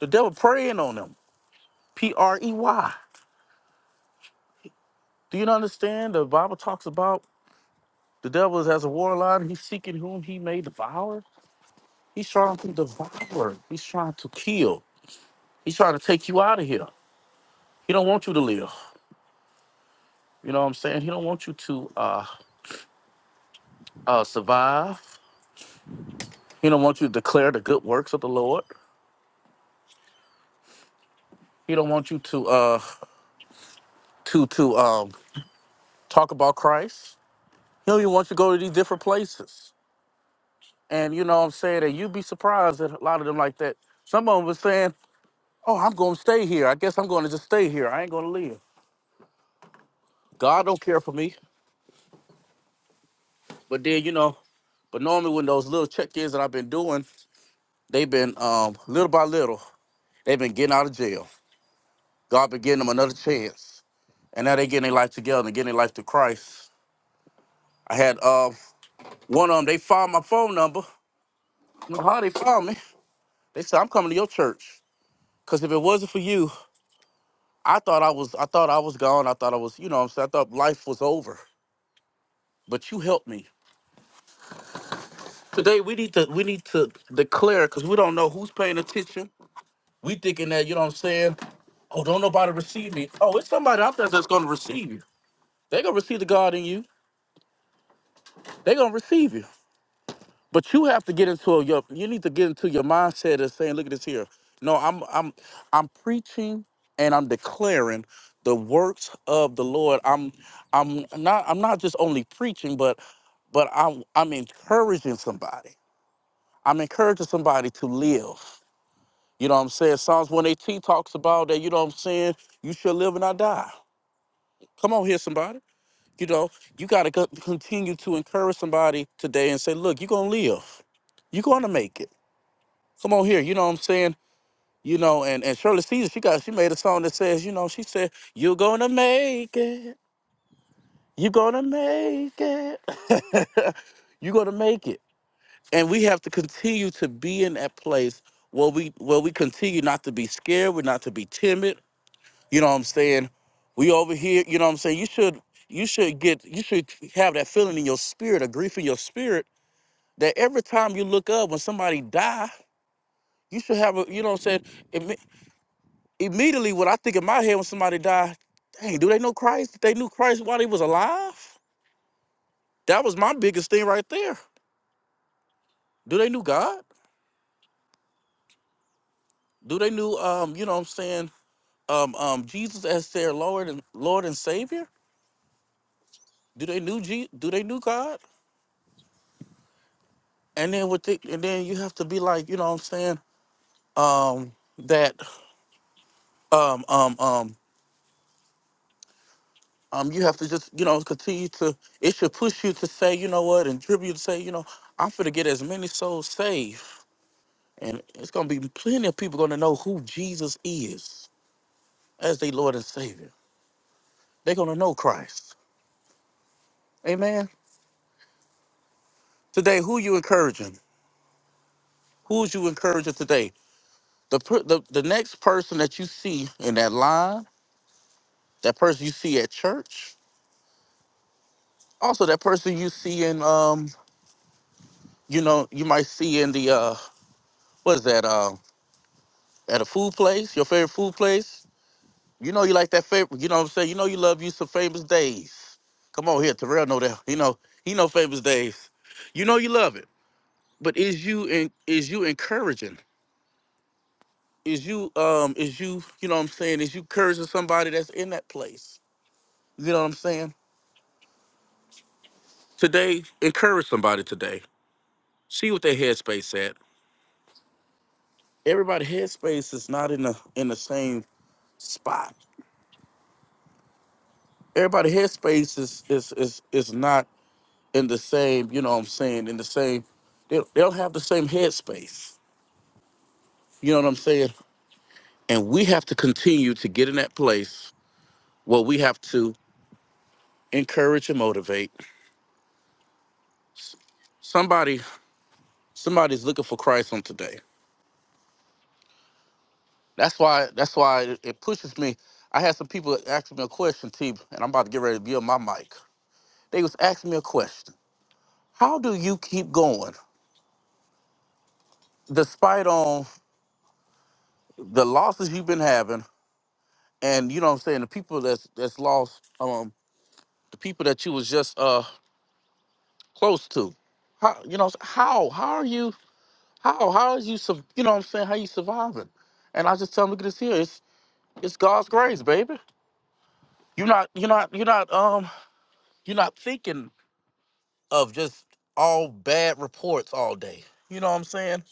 [SPEAKER 5] The devil preying on them. P R E Y. Do you not understand? The Bible talks about the devil is as a war lion. He's seeking whom he may devour. He's trying to devour. He's trying to kill. He's trying to take you out of here. He don't want you to live. You know what I'm saying? He don't want you to. Uh, uh, survive. He don't want you to declare the good works of the Lord. He don't want you to uh, to to um, talk about Christ. He don't even want you to go to these different places. And you know what I'm saying? And you'd be surprised at a lot of them like that. Some of them was saying, oh, I'm going to stay here. I guess I'm going to just stay here. I ain't going to leave. God don't care for me. But then, you know, but normally when those little check-ins that I've been doing, they've been um, little by little, they've been getting out of jail. God been giving them another chance. And now they getting their life together and getting their life to Christ. I had uh one of them. They found my phone number. I don't know How they found me? They said I'm coming to your church. Cause if it wasn't for you, I thought I was. I thought I was gone. I thought I was. You know, what I'm saying. I thought life was over. But you helped me. Today we need to we need to declare because we don't know who's paying attention. We thinking that you know what I'm saying. Oh, don't nobody receive me. Oh, it's somebody out there that's gonna receive you. They gonna receive the God in you. They gonna receive you. But you have to get into a, your you need to get into your mindset of saying, look at this here. No, I'm I'm I'm preaching and I'm declaring the works of the Lord. I'm I'm not I'm not just only preaching, but but I'm I'm encouraging somebody. I'm encouraging somebody to live. You know what I'm saying? Psalms 118 talks about that, you know what I'm saying? You shall live and not die. Come on here, somebody. You know, you gotta continue to encourage somebody today and say, look, you're gonna live. You're gonna make it come on here. You know what I'm saying? You know, and, and Shirley Caesar, she got she made a song that says, you know, she said, You're gonna make it. You're gonna make it. You're gonna make it. And we have to continue to be in that place where we where we continue not to be scared, we're not to be timid. You know what I'm saying? We over here, you know what I'm saying? You should you should get you should have that feeling in your spirit, a grief in your spirit, that every time you look up when somebody die, you should have a you know what I'm saying? it. Immediately, what I think in my head when somebody died, dang, do they know Christ? If They knew Christ while they was alive. That was my biggest thing right there. Do they knew God? Do they knew, um, you know, what I'm saying, um, um, Jesus as their Lord and Lord and Savior? Do they knew Je- Do they knew God? And then with the, and then you have to be like, you know, what I'm saying, um, that, um, um, um, um, you have to just, you know, continue to. It should push you to say, you know what, and tribute to say, you know, I'm finna get as many souls saved And it's gonna be plenty of people gonna know who Jesus is as their Lord and Savior. They're gonna know Christ. Amen. Today, who you encouraging? Who's you encouraging today? The, per- the the next person that you see in that line, that person you see at church, also that person you see in um, you know, you might see in the uh, what is that? Uh, at a food place, your favorite food place. You know you like that favorite. You know what I'm saying. You know you love you some famous days. Come on here, Terrell. Know that. You know he know famous days. You know you love it. But is you and is you encouraging? Is you um is you you know what I'm saying? Is you encouraging somebody that's in that place? You know what I'm saying? Today, encourage somebody today. See what their headspace at. Everybody headspace is not in the in the same spot. Everybody headspace is is is is not in the same, you know what I'm saying, in the same, they, they don't have the same headspace. You know what I'm saying? And we have to continue to get in that place where we have to encourage and motivate. S- Somebody, somebody's looking for Christ on today. That's why, that's why it it pushes me. I had some people asking me a question, T, and I'm about to get ready to be on my mic. They was asking me a question. How do you keep going despite on the losses you've been having and you know what I'm saying, the people that's that's lost um, the people that you was just uh close to. How you know how how are you how how is you su- you know what I'm saying how you surviving? And I just tell them look at this here it's it's God's grace, baby. You're not you're not you're not um you're not thinking of just all bad reports all day. You know what I'm saying?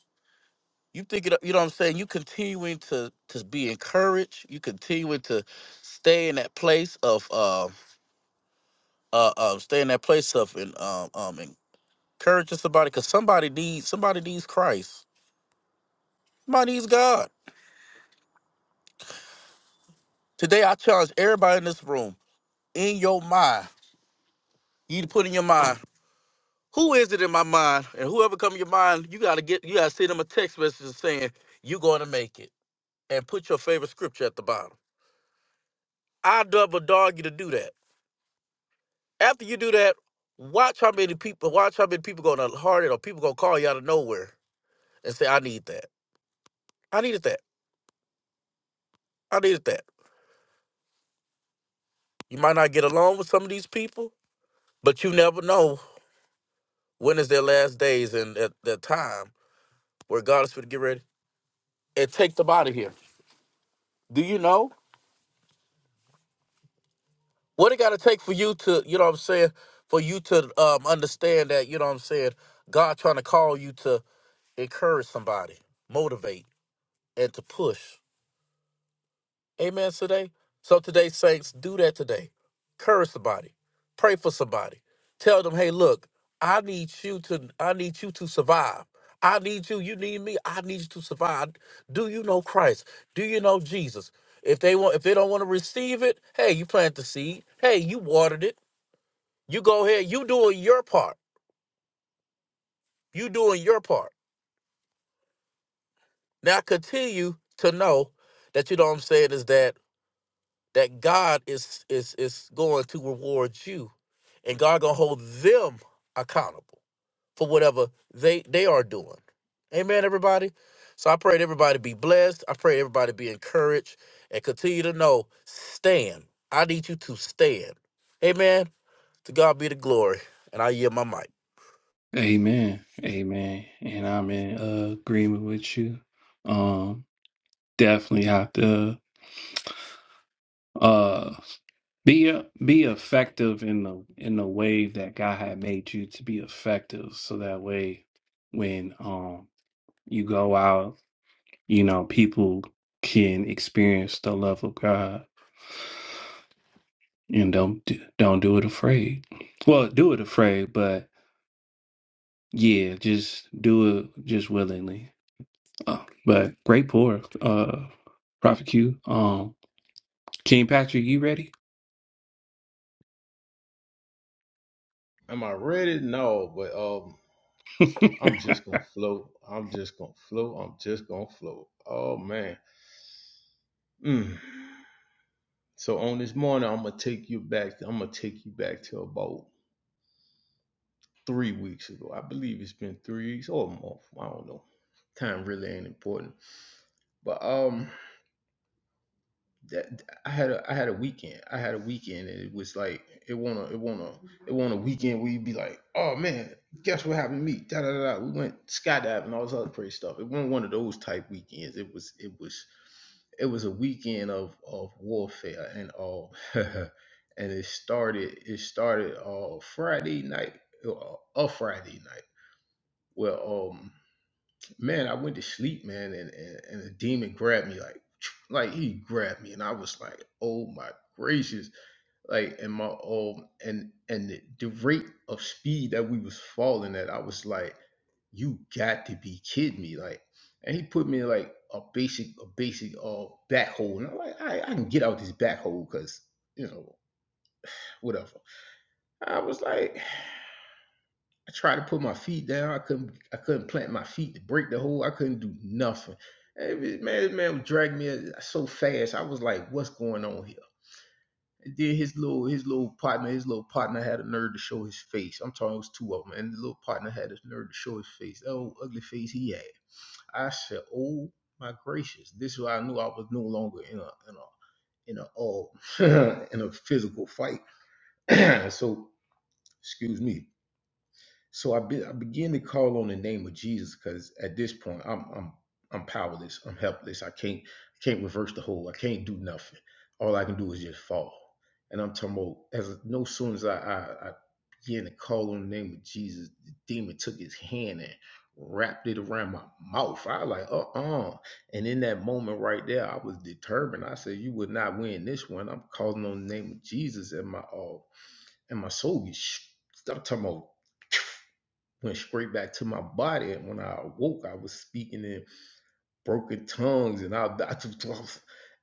[SPEAKER 5] You think it you know what I'm saying? You continuing to to be encouraged. You continuing to stay in that place of uh uh, uh stay in that place of in, um, um Encourage somebody because somebody needs somebody needs Christ. Somebody needs God. Today I challenge everybody in this room, in your mind, you need to put in your mind, who is it in my mind? And whoever come in your mind, you gotta get you gotta send them a text message saying, You're gonna make it. And put your favorite scripture at the bottom. I double dog you to do that. After you do that, watch how many people watch how many people gonna heart it or people gonna call you out of nowhere and say, I need that. I needed that. I needed that. You might not get along with some of these people, but you never know When is their last days and at the time where God is going to get ready and take them out of here? Do you know what it got to take for you to, you know what I'm saying, for you to um, understand that, you know what I'm saying, God trying to call you to encourage somebody, motivate, and to push. Amen today. So today, saints, do that today. Encourage somebody. Pray for somebody. Tell them, hey, look, I need you to I need you to survive. I need you. You need me. I need you to survive. Do you know Christ? Do you know Jesus? If they want if they don't want to receive it, hey, you plant the seed. Hey, you watered it. You go ahead. You doing your part. You doing your part. Now continue to know that you know what I'm saying is that that God is is is going to reward you and God gonna hold them accountable for whatever they they are doing. Amen, everybody. So I pray that everybody be blessed. I pray everybody be encouraged and continue to know stand. I need you to stand. Amen. To God be the glory, and I yield my mic.
[SPEAKER 1] Amen. Amen. And I'm in uh, agreement with you. Um, definitely have to uh be uh, be effective in the in the way that God had made you to be effective, so that way when um you go out you know, people can experience the love of God and don't don't do it afraid. Well, do it afraid, but yeah, just do it just willingly. Uh, but great pour, uh, Prophet Q. Um, King Patrick, you ready?
[SPEAKER 4] Am I ready? No, but um, I'm just gonna float. I'm just gonna float. I'm just gonna float. Oh man. Mm. So on this morning, I'm gonna take you back. I'm gonna take you back to about three weeks ago. I believe it's been three weeks or a month. I don't know. Time really ain't important. But um, that I had a I had a weekend. I had a weekend and it was like it wanna it wanna it wanna weekend where you'd be like, oh man, guess what happened to me? Da da da. da. We went skydiving, and all this other crazy stuff. It wasn't one of those type weekends. It was it was it was a weekend of of warfare and all. and it started it started uh Friday night, uh, a Friday night. Well, um man, I went to sleep, man, and, and and a demon grabbed me like like he grabbed me, and I was like, oh my gracious, like and my um and and the, the rate of speed that we was falling at, I was like, you got to be kidding me, like, and he put me in like a basic a basic uh back hole, and I'm like, I I can get out this back hole because you know whatever. I was like. I tried to put my feet down. I couldn't. I couldn't plant my feet to break the hole. I couldn't do nothing. Hey, Man, this man, was dragging me so fast. I was like, "What's going on here?" And then his little, his little partner, his little partner had a nerve to show his face. I'm talking, it was two of them, and the little partner had a nerve to show his face. That old ugly face he had. I said, "Oh my gracious!" This is why I knew I was no longer in a in a in a uh, in a physical fight. so excuse me. So I, be, I begin to call on the name of Jesus because at this point I'm I'm I'm powerless. I'm helpless. I can't I can't reverse the whole. I can't do nothing. All I can do is just fall. And I'm talking about as no sooner as I, I, I began to call on the name of Jesus, the demon took his hand and wrapped it around my mouth. I was like, uh-uh. And in that moment right there, I was determined. I said, you would not win this one. I'm calling on the name of Jesus and my uh and my soul gets sh- I'm talking about went straight back to my body. And when I awoke, I was speaking in broken tongues, and I, I just,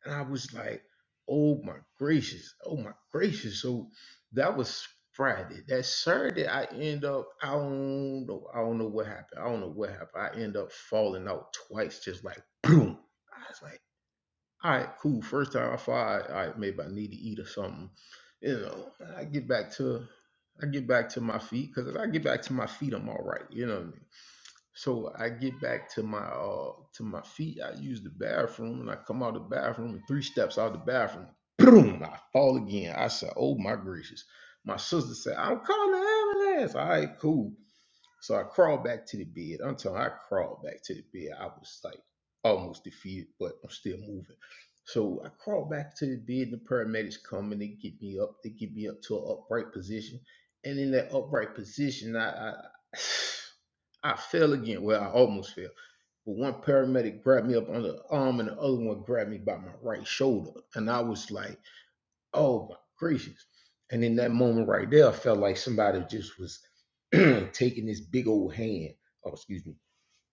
[SPEAKER 4] and I was like, "Oh my gracious! Oh my gracious!" So that was Friday. That Saturday, I end up I don't know I don't know what happened. I don't know what happened. I end up falling out twice, just like boom. I was like, "All right, cool." First time I fall, all right, maybe I need to eat or something. You know, I get back to I get back to my feet because if I get back to my feet, I'm all right. You know what I mean? So I get back to my uh to my feet. I use the bathroom and I come out of the bathroom and three steps out of the bathroom. Boom! I fall again. I said, "Oh my gracious!" My sister said, "I'm calling the ambulance." All right, cool. So I crawled back to the bed. I'm telling you, I crawled back to the bed. I was like almost defeated, but I'm still moving. So I crawled back to the bed. The paramedics come and they get me up. They get me up to an upright position. And in that upright position, I, I I fell again. Well, I almost fell. But one paramedic grabbed me up on the arm and the other one grabbed me by my right shoulder. And I was like, oh my gracious. And in that moment right there, I felt like somebody just was taking this big old hand. Oh, excuse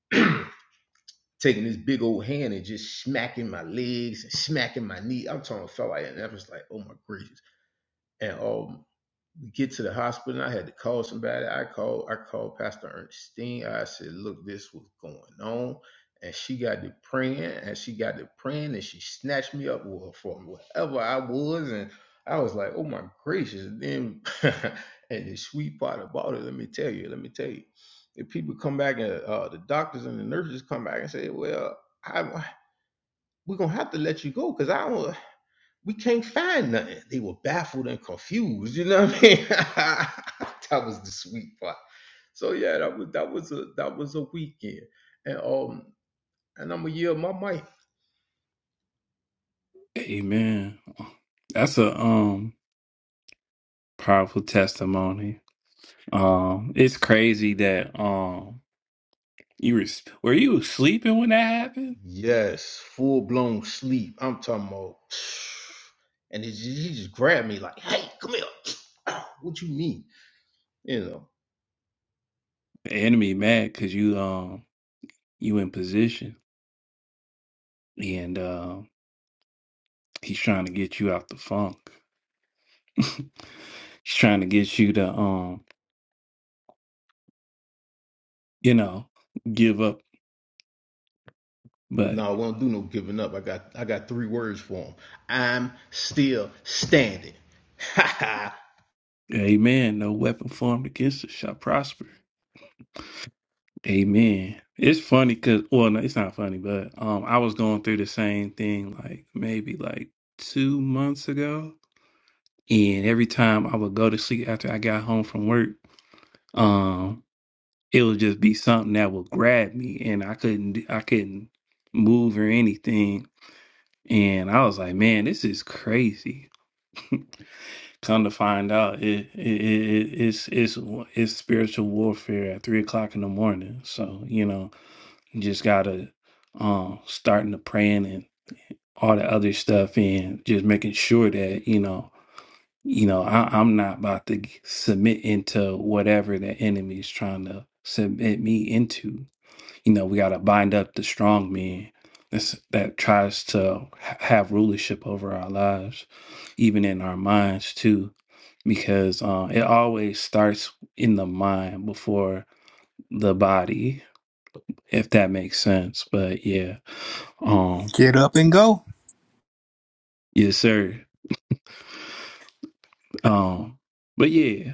[SPEAKER 4] me. taking this big old hand and just smacking my legs and smacking my knee. I'm talking I felt like and I was like, oh my gracious. And um get to the hospital and I had to call somebody. I called I called Pastor Ernestine. I said, look, this was going on. And she got to praying and she got to praying and she snatched me up well, from wherever I was. And I was like, oh my gracious. And then and the sweet part about it, let me tell you, let me tell you. If people come back and uh, the doctors and the nurses come back and say, well, I, we're gonna have to let you go because I don't we can't find nothing. They were baffled and confused. You know what I mean? that was the sweet part. So yeah, that was that was a that was a weekend, and um, and I'm a year my mic.
[SPEAKER 1] Amen. That's a um powerful testimony. Um, it's crazy that um you were were you sleeping when that happened?
[SPEAKER 4] Yes, full blown sleep. I'm talking about, and it, he just grabbed me like, "Hey, come here." what you mean? You know?
[SPEAKER 1] The enemy mad because you um you in position and uh, he's trying to get you out the funk. She's trying to get you to, um, you know, give up. But
[SPEAKER 4] No, I won't do no giving up. I got I got three words for him. I'm still standing. Ha ha.
[SPEAKER 1] amen. No weapon formed against us shall prosper. Amen. It's funny because, well, no, it's not funny, but um, I was going through the same thing like maybe like two months ago, and every time I would go to sleep after I got home from work, um, it would just be something that would grab me, and I couldn't, d- I couldn't move or anything, and I was like, man, this is crazy. Come to find out, it, it, it it's it's wa- it's spiritual warfare at three o'clock in the morning. So you know, you just gotta um starting to praying and all the other stuff, and just making sure that you know, you know, I, I'm not about to g- submit into whatever the enemy is trying to submit me into. You know, we gotta bind up the strong man that's, that tries to ha- have rulership over our lives, even in our minds too because uh, it always starts in the mind before the body, if that makes sense. But yeah, um,
[SPEAKER 2] Get up and go.
[SPEAKER 1] yes, sir. Um, but yeah,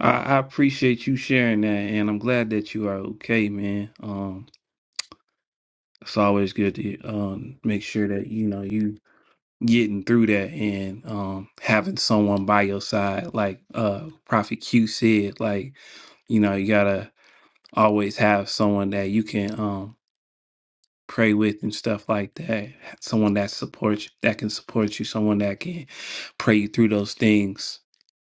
[SPEAKER 1] I, I appreciate you sharing that, and I'm glad that you are okay, man. Um, it's always good to um make sure that you know you getting through that and um having someone by your side like uh prophet q said like you know you gotta always have someone that you can um pray with and stuff like that. Someone that supports that can support you, someone that can pray you through those things.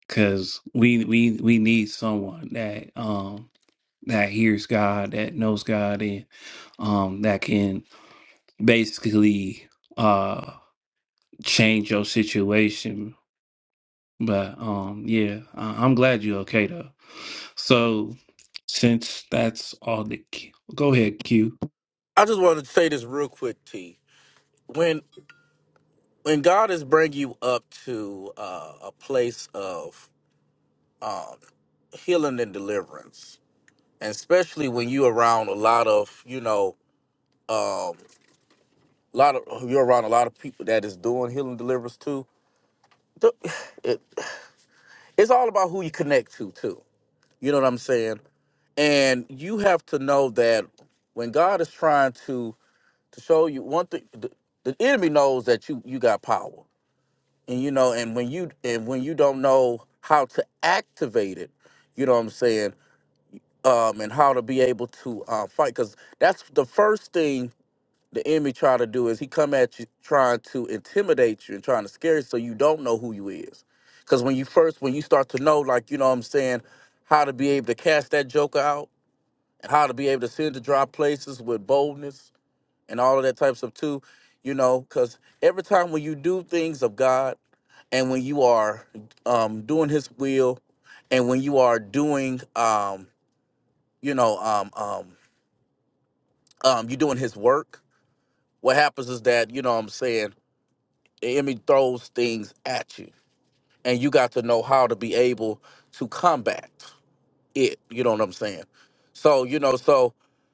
[SPEAKER 1] Cause we we we need someone that um that hears God, that knows God and um that can basically uh change your situation. But um yeah, I- I'm glad you're okay though. So since that's all the go ahead, Q.
[SPEAKER 5] I just wanted to say this real quick, T. When when God is bringing you up to uh, a place of um, healing and deliverance, and especially when you around a lot of you know um, A lot of you're around a lot of people that is doing healing deliverance too. The- It, it's all about who you connect to too. You know what I'm saying? And you have to know that when God is trying to to show you one thing, the, the enemy knows that you you got power, and you know, and when you and when you don't know how to activate it, you know what I'm saying, um, and how to be able to uh, fight, because that's the first thing the enemy try to do is he come at you trying to intimidate you and trying to scare you so you don't know who you is. Cause when you first when you start to know, like, you know what I'm saying, how to be able to cast that joker out and how to be able to send to dry places with boldness and all of that type of stuff too, you know, because every time when you do things of God and when you are um doing his will and when you are doing um, you know, um um um you're doing his work, what happens is that, you know what I'm saying, the enemy throws things at you and you got to know how to be able to combat it you know what i'm saying so you know so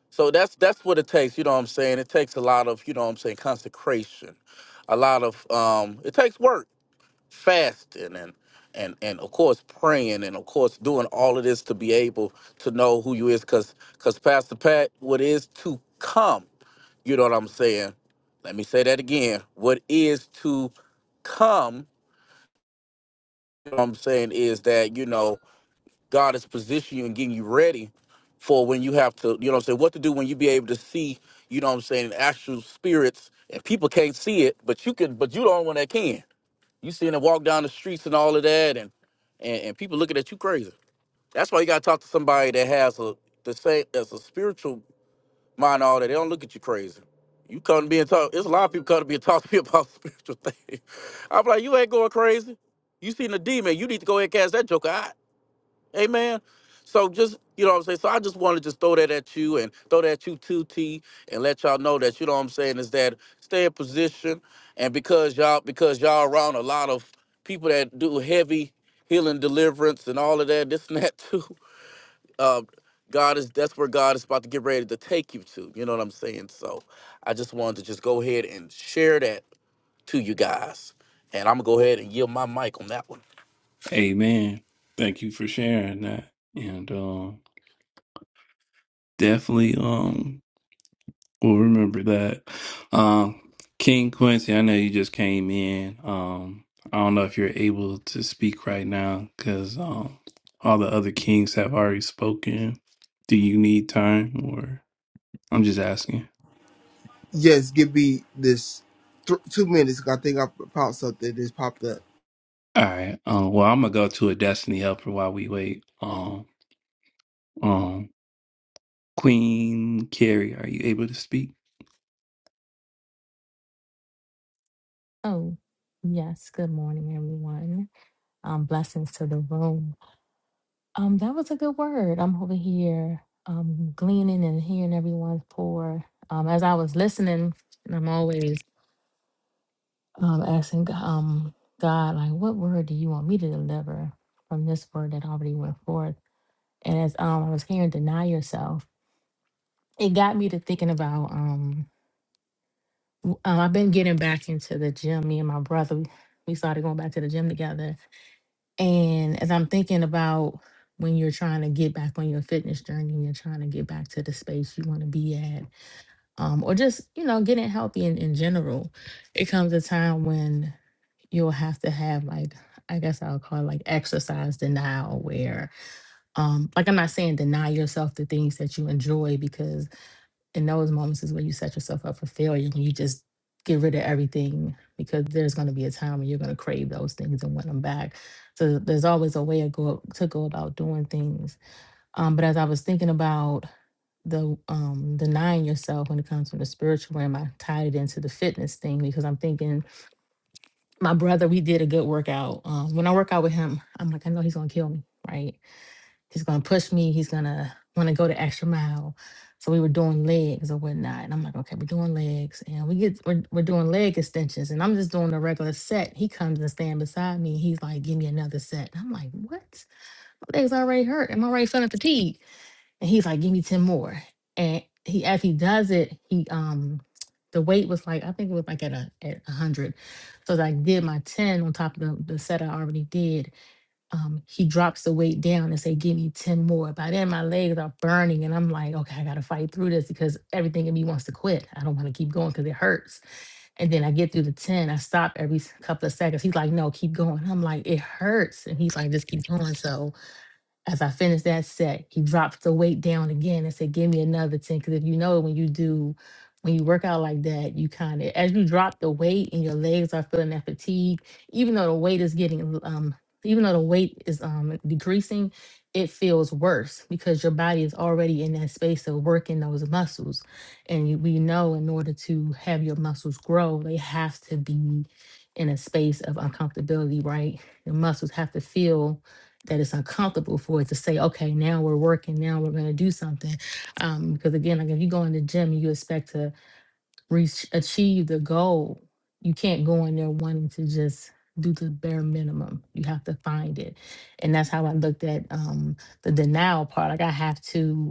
[SPEAKER 5] so that's that's what it takes you know what i'm saying it takes a lot of you know what i'm saying consecration a lot of um it takes work fasting and and and of course praying and of course doing all of this to be able to know who you is because because pastor pat what is to come you know what i'm saying let me say that again what is to come you know what i'm saying is that you know god is positioning you and getting you ready for when you have to you know what i'm saying what to do when you be able to see you know what i'm saying actual spirits and people can't see it but you can but you the only one that can you seeing them walk down the streets and all of that, and and, and people looking at you crazy. That's why you gotta talk to somebody that has a the same as a spiritual mind. and All that they don't look at you crazy. You come to be and talk. There's a lot of people come to be and talk to me about spiritual things. I'm like, you ain't going crazy. You seen a demon. You need to go ahead and cast that joker out. Amen. So just you know what I'm saying. So I just want to just throw that at you and throw that at you too, T, and let y'all know that you know what I'm saying is that stay in position, and because y'all because y'all around a lot of people that do heavy healing, deliverance, and all of that, this and that too. Uh, God is that's where God is about to get ready to take you to. You know what I'm saying? So I just wanted to just go ahead and share that to you guys, and I'm gonna go ahead and yield my mic on that one.
[SPEAKER 1] Amen. Thank you for sharing that. And um definitely um we'll remember that. Um King Quincy, I know you just came in. Um I don't know if you're able to speak right now cuz um all the other kings have already spoken. Do you need time or I'm just asking.
[SPEAKER 6] Yes, give me this th- two minutes. 'cause I think I found something that's popped up.
[SPEAKER 1] All right. Um well, I'm going to go to a destiny helper while we wait. Um um Queen Carrie, are you able to speak?
[SPEAKER 7] Oh, yes. Good morning, everyone. Um, blessings to the room. Um, that was a good word. I'm over here um gleaning and hearing everyone's pour. Um, as I was listening, and I'm always um asking G- um God, like, what word do you want me to deliver from this word that already went forth? And as um I was hearing deny yourself, it got me to thinking about um w- uh, I've been getting back into the gym. Me and my brother, we we started going back to the gym together And as I'm thinking about when you're trying to get back on your fitness journey and you're trying to get back to the space you want to be at, um, or just, you know, getting healthy in, in general, it comes a time when you'll have to have like I guess I'll call it like exercise denial where um like I'm not saying deny yourself the things that you enjoy because in those moments is when you set yourself up for failure when you just get rid of everything because there's going to be a time when you're going to crave those things and want them back so there's always a way to go to go about doing things um, but as i was thinking about the um, denying yourself when it comes to the spiritual realm i tied it into the fitness thing because i'm thinking my brother we did a good workout um, when i work out with him i'm like i know he's going to kill me right He's gonna push me. He's gonna want to go the extra mile. So we were doing legs or whatnot, and I'm like, okay, we're doing legs, and we get we're, we're doing leg extensions, and I'm just doing a regular set. He comes and stand beside me. He's like, give me another set. And I'm like, what? My legs already hurt. I'm already feeling fatigued. And he's like, give me ten more. And he as he does it, he um the weight was like I think it was like at a at a hundred. So as I did my ten on top of the, the set I already did, um, he drops the weight down and say, "Give me ten more." By then, my legs are burning, and I'm like, "Okay, I got to fight through this because everything in me wants to quit. I don't want to keep going because it hurts." And then I get through the ten. I stop every s- couple of seconds. He's like, "No, keep going." I'm like, "It hurts," and he's like, "Just keep going." So as I finished that set, he dropped the weight down again and said, "Give me another ten. Because if you know, when you do, when you work out like that, you kind of as you drop the weight and your legs are feeling that fatigue, even though the weight is getting um, even though the weight is um decreasing, it feels worse because your body is already in that space of working those muscles, and you, we know in order to have your muscles grow, they have to be in a space of uncomfortability, right? Your muscles have to feel that it's uncomfortable for it to say, okay, now we're working, now we're going to do something. Um, because again, like if you go in the gym, and you expect to reach, achieve the goal. You can't go in there wanting to just do the bare minimum. You have to find it. And that's how I looked at um, the denial part. Like I have to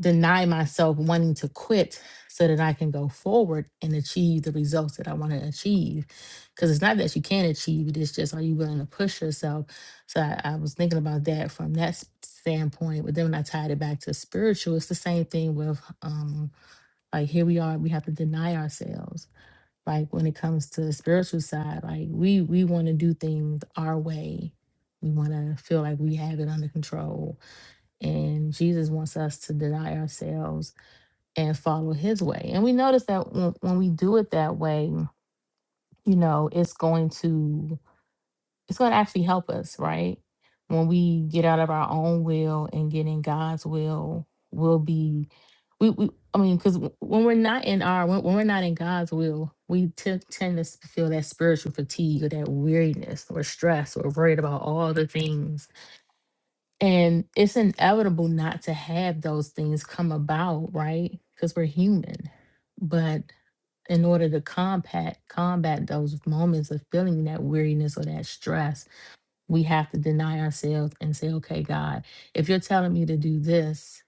[SPEAKER 7] deny myself wanting to quit so that I can go forward and achieve the results that I want to achieve. Because it's not that you can't achieve it, it's just are you willing to push yourself? So I, I was thinking about that from that s- standpoint. But then when I tied it back to spiritual, it's the same thing with um, like here we are, we have to deny ourselves. Like when it comes to the spiritual side, like we we want to do things our way. We want to feel like we have it under control. And Jesus wants us to deny ourselves and follow his way. And we notice that when, when we do it that way, you know, it's going to it's going to actually help us, right? When we get out of our own will and get in God's will, we'll be we, we I mean, because when we're not in our when, when we're not in God's will, we t- tend to s- feel that spiritual fatigue or that weariness or stress or worried about all the things. And it's inevitable not to have those things come about, right? Because we're human but in order to combat combat those moments of feeling that weariness or that stress we have to deny ourselves and say okay god if you're telling me to do this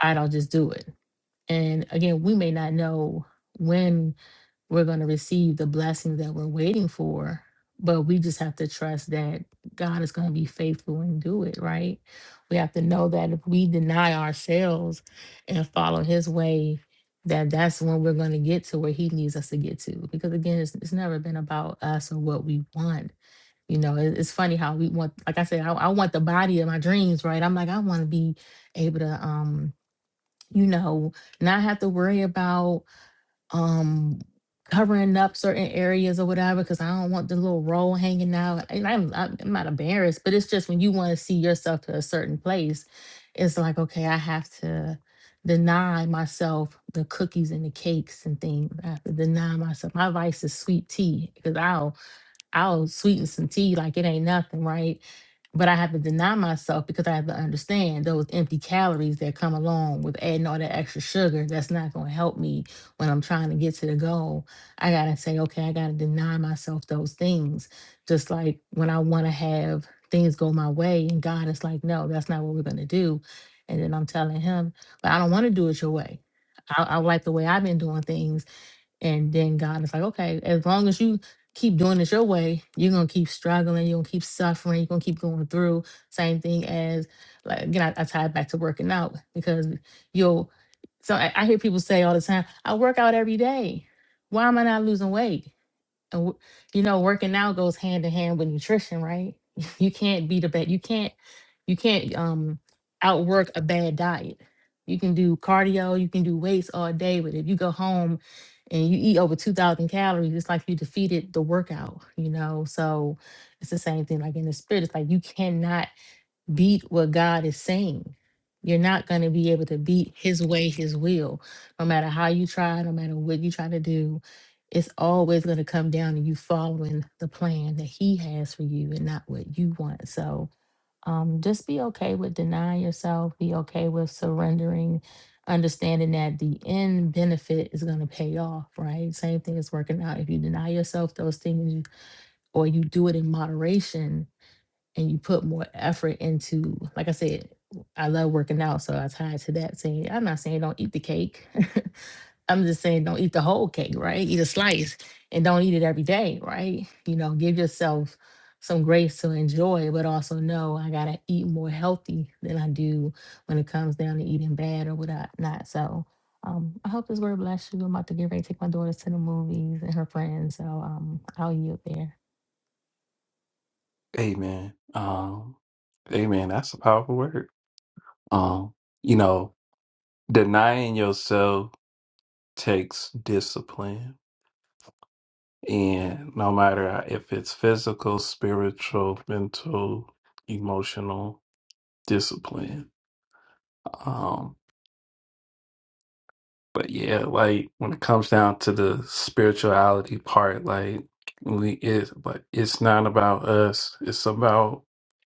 [SPEAKER 7] i don't just do it and again we may not know when we're going to receive the blessings that we're waiting for but we just have to trust that god is going to be faithful and do it right we have to know that if we deny ourselves and follow his way that that's when we're going to get to where he needs us to get to because again it's, it's never been about us or what we want you know it- it's funny how we want like i said I, I want the body of my dreams right i'm like i want to be able to um you know not have to worry about um covering up certain areas or whatever because I don't want the little roll hanging out. And I'm I'm I'm not embarrassed, but it's just when you want to see yourself to a certain place, it's like okay, I have to deny myself the cookies and the cakes and things. I have to deny myself. My vice is sweet tea because I'll I'll sweeten some tea like it ain't nothing, right? But I have to deny myself because I have to understand those empty calories that come along with adding all that extra sugar. That's not going to help me when I'm trying to get to the goal. I got to say, okay, I got to deny myself those things. Just like when I want to have things go my way, and God is like, no, that's not what we're going to do. And then I'm telling him, but I don't want to do it your way. I, I like the way I've been doing things and then God is like, okay, as long as you keep doing it your way, you're gonna keep struggling, you're gonna keep suffering, you're gonna keep going through. Same thing as like again, I, I tie it back to working out because you'll so I, I hear people say all the time, I work out every day. Why am I not losing weight? And w- you know, working out goes hand in hand with nutrition, right? You can't beat a bad. You can't. You can't um outwork a bad diet. You can do cardio. You can do weights all day, but if you go home and you eat over two thousand calories, it's like you defeated the workout. You know, so it's the same thing. Like in the spirit, it's like you cannot beat what God is saying. You're not going to be able to beat his way, his will, no matter how you try, no matter what you try to do. It's always going to come down to you following the plan that he has for you and not what you want. So um, just be okay with denying yourself, be okay with surrendering, understanding that the end benefit is going to pay off, right? Same thing is working out. If you deny yourself those things or you do it in moderation, and you put more effort into like i said i love working out so i tie it to that saying i'm not saying don't eat the cake i'm just saying don't eat the whole cake right eat a slice and don't eat it every day right you know give yourself some grace to enjoy but also know i gotta eat more healthy than i do when it comes down to eating bad or whatnot not so um, I hope this word bless you. I'm about to get ready to take my daughter to the movies and her friends. So um, I'll yield there.
[SPEAKER 1] Amen. Um, amen. That's a powerful word. Um, you know, denying yourself takes discipline. And no matter if it's physical, spiritual, mental, emotional discipline. Um, but yeah, like when it comes down to the spirituality part, like we it but it's not about us. It's about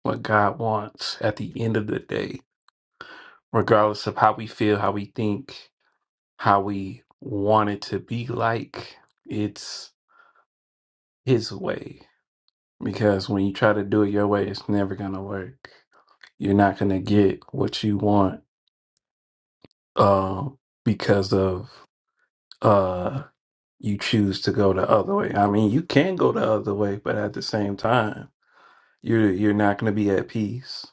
[SPEAKER 1] what God wants at the end of the day, regardless of how we feel, how we think, how we want it to be like it's his way because when you try to do it your way it's never going to work you're not going to get what you want um because of uh you choose to go the other way i mean you can go the other way but at the same time you're you're not going to be at peace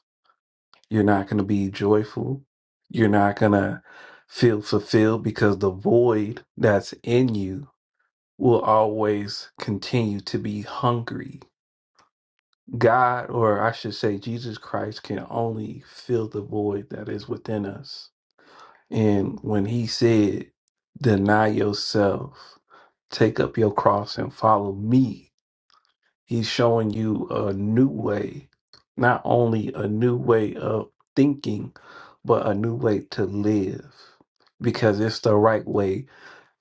[SPEAKER 1] you're not going to be joyful you're not going to feel fulfilled because the void that's in you will always continue to be hungry. God, or I should say, Jesus Christ, can only fill the void that is within us. And when he said, Deny yourself, take up your cross, and follow me, he's showing you a new way, not only a new way of thinking, but a new way to live because it's the right way.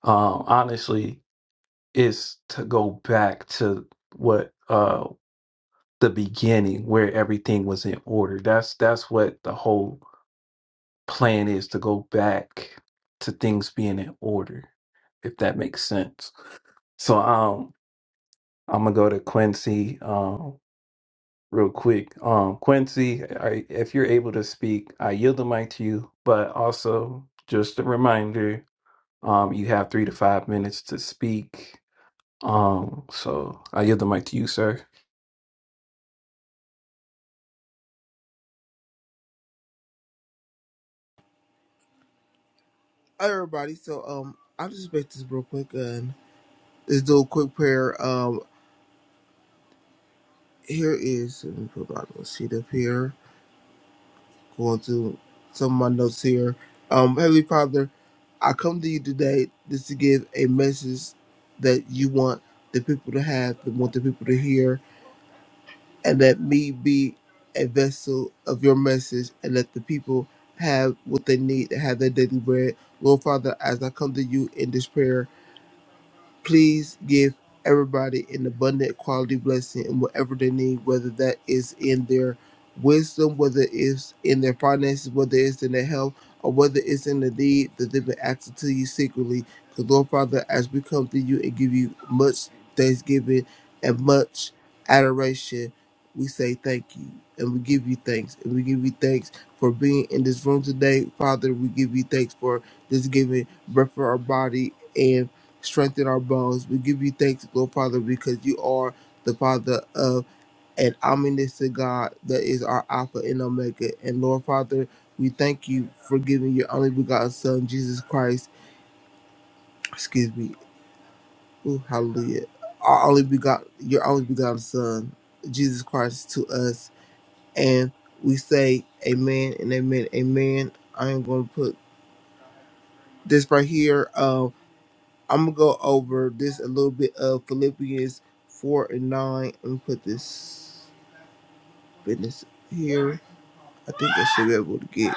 [SPEAKER 1] Um, honestly, is to go back to what uh the beginning where everything was in order that's that's what the whole plan is to go back to things being in order if that makes sense so um i'm gonna go to quincy um real quick um quincy I, if you're able to speak i yield the mic to you but also just a reminder um you have three to five minutes to speak um so i yield the mic to you sir
[SPEAKER 6] Hi, everybody. So, um, I'll just make this real quick and let's do a quick prayer. Um, here is let me put my little sheet up here. Going through some of my notes here. Um, Heavenly Father, I come to you today just to give a message that you want the people to have, that want the people to hear and let me be a vessel of your message and let the people have what they need to have their daily bread. Lord Father, as I come to you in this prayer, Please give everybody an abundant quality blessing in whatever they need, whether that is in their wisdom, whether it's in their finances, whether it's in their health, or whether it's in the need that they've been asking to you secretly. Because, Lord Father, as we come to you and give you much thanksgiving and much adoration, we say thank you and we give you thanks and we give you thanks for being in this room today. Father, we give you thanks for this giving breath for our body and strengthen our bones. We give you thanks, Lord Father, because you are the Father of an Omniscient God that is our Alpha and Omega. And Lord Father, we thank you for giving your only begotten Son, Jesus Christ. Excuse me. Ooh, hallelujah. Our only begot your only begotten Son, Jesus Christ, to us. And we say amen and amen, amen. I am gonna put this right here. Um. I'm gonna go over this a little bit of Philippians four and nine Let me put this business here. I think I should be able to get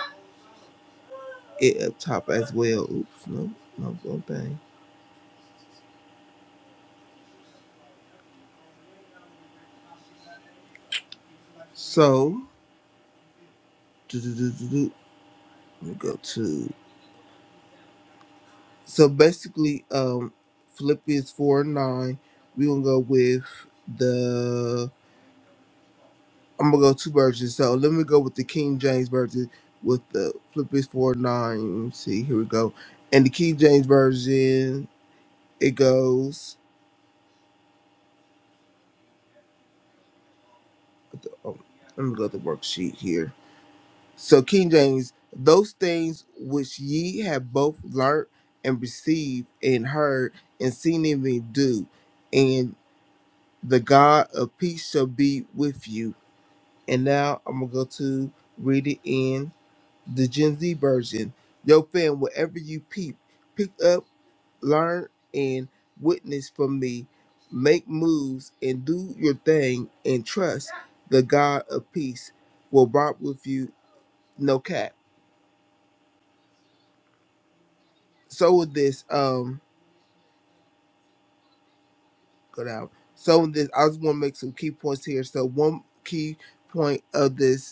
[SPEAKER 6] it up top as well. Oops, no, no one thing. So do-do-do-do-do, let me go to so basically um Philippians four and nine, going gonna go with the. I'm gonna go two versions. So let me go with the King James version with the Philippians four nine. Let me see, here we go. And the King James version, it goes. Oh, let me go to the worksheet here. So King James, those things which ye have both learnt and received and heard and seen in me do, and the God of peace shall be with you. And now I'm gonna go to read it in. the Gen Z version. Yo, fam, wherever you peep, pick up, learn, and witness from me. Make moves and do your thing and trust the God of peace will rock with you, no cap. So with this, um, go down. So with this, I just want to make some key points here. So one key point of this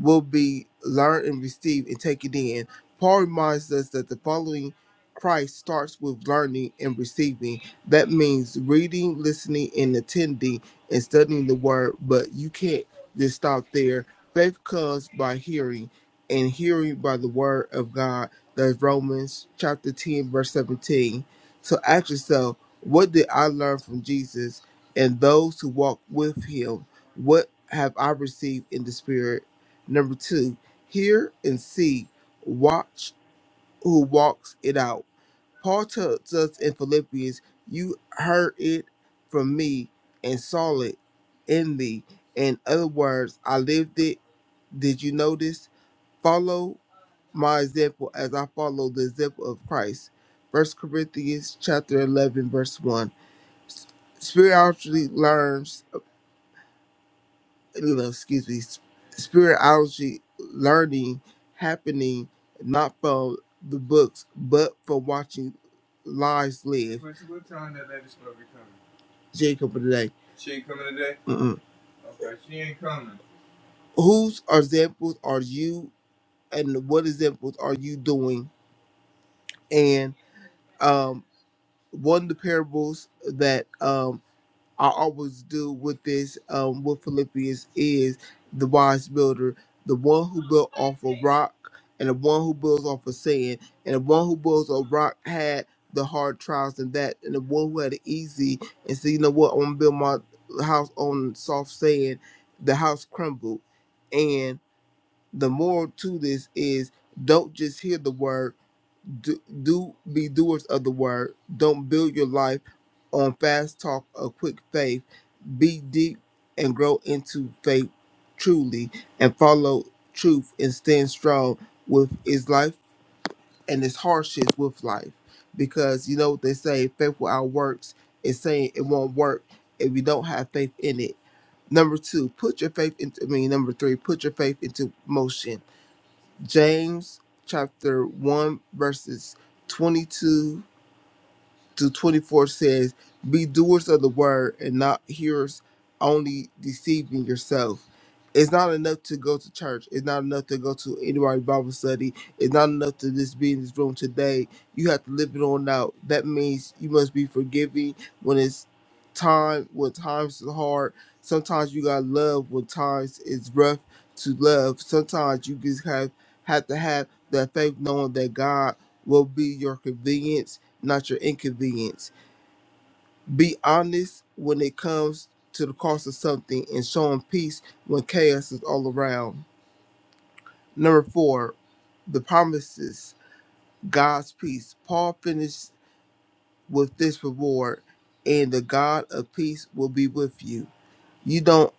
[SPEAKER 6] will be learned and received and taken in. Paul reminds us that the following Christ starts with learning and receiving. That means reading, listening, and attending and studying the word, but you can't just stop there. Faith comes by hearing, and hearing by the word of God. That's Romans chapter 10, verse 17. So ask yourself, what did I learn from Jesus and those who walk with him? What have I received in the Spirit? Number two, hear and see, watch who walks it out. Paul tells us in Philippians, You heard it from me and saw it in me. In other words, I lived it. Did you notice? Follow my example as I follow the example of Christ. First Corinthians chapter 11, verse 1. Spiritually learns. you know, excuse me, s- spirituality learning happening not from the books, but from watching lives live. What, what time that lady supposed to be coming? Jacob of the day. Mm-mm. Whose examples are you, and what examples are you doing? And um, one of the parables that um, I always do with this, um, with Philippians is the wise builder, the one who built off a rock, and the one who builds off of sand, and the one who builds a rock had the hard trials and that, and the one who had it easy and said, you know what, I'm gonna build my house on soft sand. The house crumbled, and the moral to this is don't just hear the word, do, do be doers of the word. Don't build your life on fast talk or quick faith be deep and grow into faith truly and follow truth and stand strong with his life and his hardships with life. Because you know what they say, faith without works is saying it won't work if you don't have faith in it. Number two, put your faith into I mean number three, put your faith into motion. James chapter one verses 22 to 24 says, Be doers of the word and not hearers only deceiving yourself. It's not enough to go to church. It's not enough to go to anybody's Bible study. It's not enough to just be in this room today. You have to live it on out. That means you must be forgiving when it's time, when times is hard. Sometimes you got to love when times is rough to love. Sometimes you just have, have to have that faith knowing that God will be your convenience not your inconvenience. Be honest when it comes to the cost of something and show 'em peace when chaos is all around. Number four, the promises, God's peace. Paul finished with this reward, and the God of peace will be with you. You don't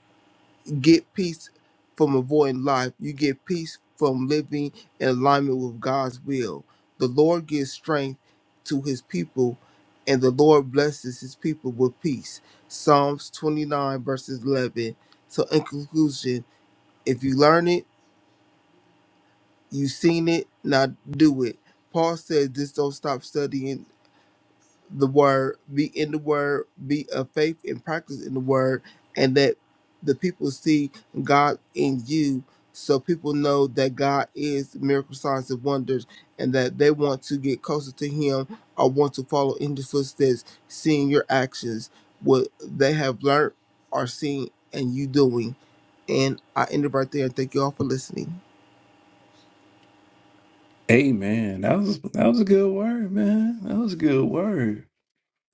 [SPEAKER 6] get peace from avoiding life. You get peace from living in alignment with God's will. The Lord gives strength to his people, and the Lord blesses his people with peace. Psalms 29, verses 11. So, in conclusion, if you learn it, you've seen it, now do it. Paul said, just don't stop studying the word, be in the word, be of faith and practice in the word, and that the people see God in you. So people know that God is miracle signs and wonders, and that they want to get closer to Him or want to follow in the footsteps, seeing your actions, what they have learned or seen, and you doing. And I end it right there. Thank you all for listening.
[SPEAKER 1] Amen. that was that was a good word, man. That was a good word.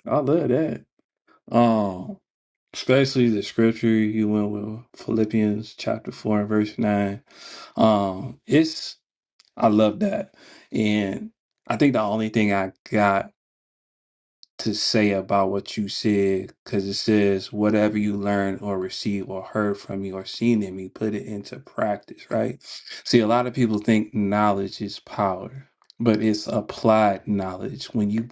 [SPEAKER 1] I love that. Um, especially the scripture you went with Philippians chapter four and verse nine. Um, it's I love that, and I think the only thing I got to say about what you said because it says whatever you learn or receive or heard from me or seen in me put it into practice right see a lot of people think knowledge is power but it's applied knowledge when you,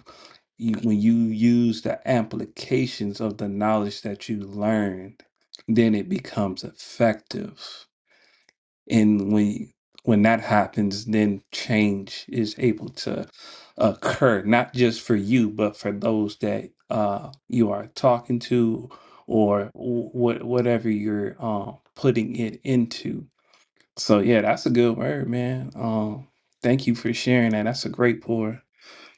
[SPEAKER 1] you when you use the applications of the knowledge that you learned then it becomes effective and when when that happens then change is able to occur not just for you but for those that uh you are talking to or what whatever you're um putting it into so yeah that's a good word man um thank you for sharing that that's a great pour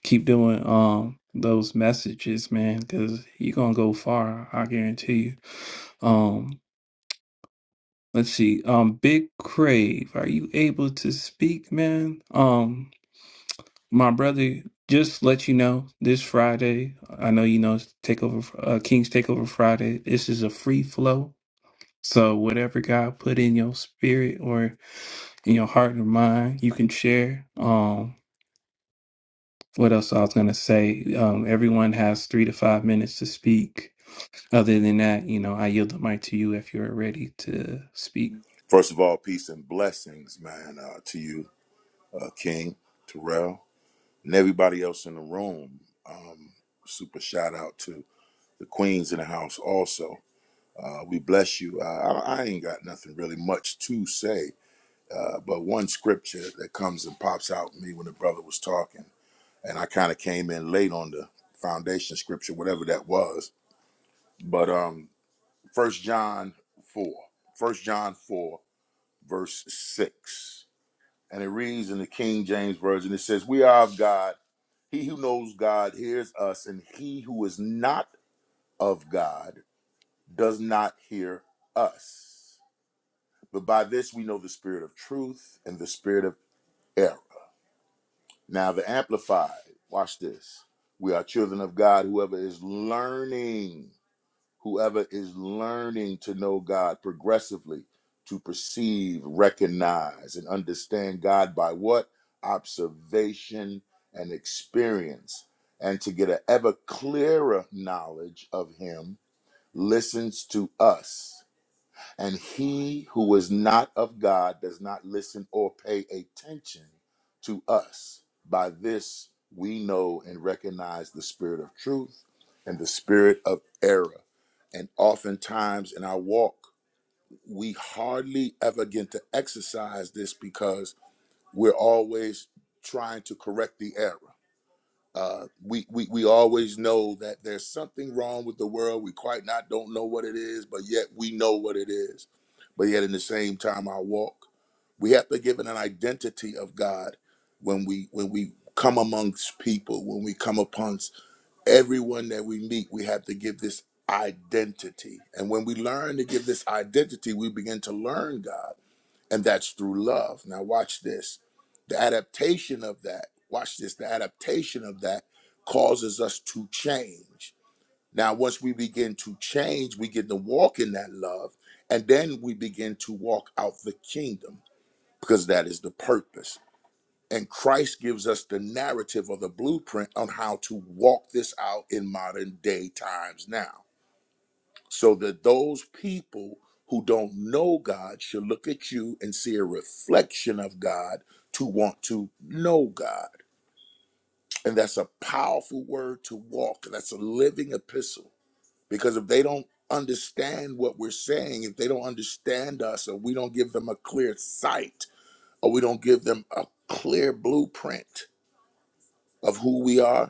[SPEAKER 1] keep doing um those messages man because you're gonna go far i guarantee you Um, Let's see. Um, Big Crave, are you able to speak, man? Um, my brother, just let you know this Friday. I know you know it's takeover, uh, King's Takeover Friday. This is a free flow. So whatever God put in your spirit or in your heart or mind, you can share. Um, what else I was gonna say? Um, everyone has three to five minutes to speak. Other than that, you know, I yield the mic to you if you're ready to speak.
[SPEAKER 8] First of all, peace and blessings, man, uh, to you, uh, King Terrell, and everybody else in the room. Um, super shout out to the queens in the house, also. Uh, we bless you. Uh, I, I ain't got nothing really much to say, uh, but one scripture that comes and pops out at me when the brother was talking, and I kind of came in late on the foundation scripture, whatever that was. But um, First John four, First John four, verse six. and it reads in the King James Version. It says, We are of God. He who knows God hears us, and he who is not of God does not hear us. But by this we know the spirit of truth and the spirit of error. Now, the Amplified, watch this. We are children of God, whoever is learning. whoever is learning to know God progressively, to perceive, recognize, and understand God by what? Observation and experience, and to get an ever clearer knowledge of Him, listens to us and he who is not of God does not listen or pay attention to us. By this we know and recognize the spirit of truth and the spirit of error. And oftentimes in our walk, we hardly ever get to exercise this because we're always trying to correct the error uh, we, we we always know that there's something wrong with the world. We quite not don't know what it is, but yet we know what it is. But yet, in the same time, our walk, we have to give it an identity of God when we when we come amongst people, when we come upon s- everyone that we meet. We have to give this identity, and when we learn to give this identity, we begin to learn God and that's through love. Now, watch this. The adaptation of that, watch this, the adaptation of that causes us to change. Now, once we begin to change, we get to walk in that love, and then we begin to walk out the kingdom because that is the purpose. And Christ gives us the narrative or the blueprint on how to walk this out in modern day times now so that those people who don't know God should look at you and see a reflection of God to want to know God. And that's a powerful word to walk. That's a living epistle. Because if they don't understand what we're saying, if they don't understand us, or we don't give them a clear sight, or we don't give them a clear blueprint of who we are,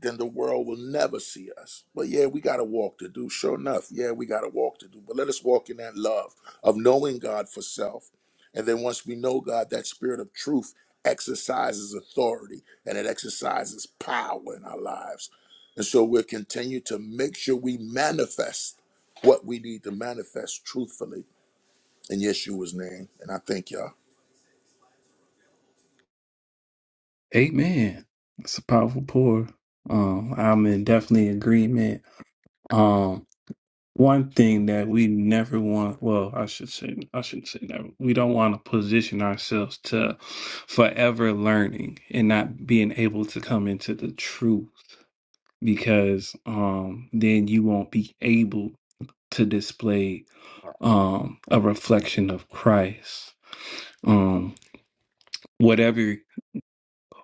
[SPEAKER 8] then the world will never see us. But yeah, we got a walk to do. Sure enough, yeah, we got a walk to do. But let us walk in that love of knowing God for self. And then once we know God, that spirit of truth exercises authority and it exercises power in our lives. And so we'll continue to make sure we manifest what we need to manifest truthfully in Yeshua's name. And I thank y'all.
[SPEAKER 1] Amen. It's a powerful pour. Um, I'm in definitely agreement. Um, one thing that we never want, well, I should say, I shouldn't say never. We don't want to position ourselves to forever learning and not being able to come into the truth because um then you won't be able to display um a reflection of Christ. Um, whatever.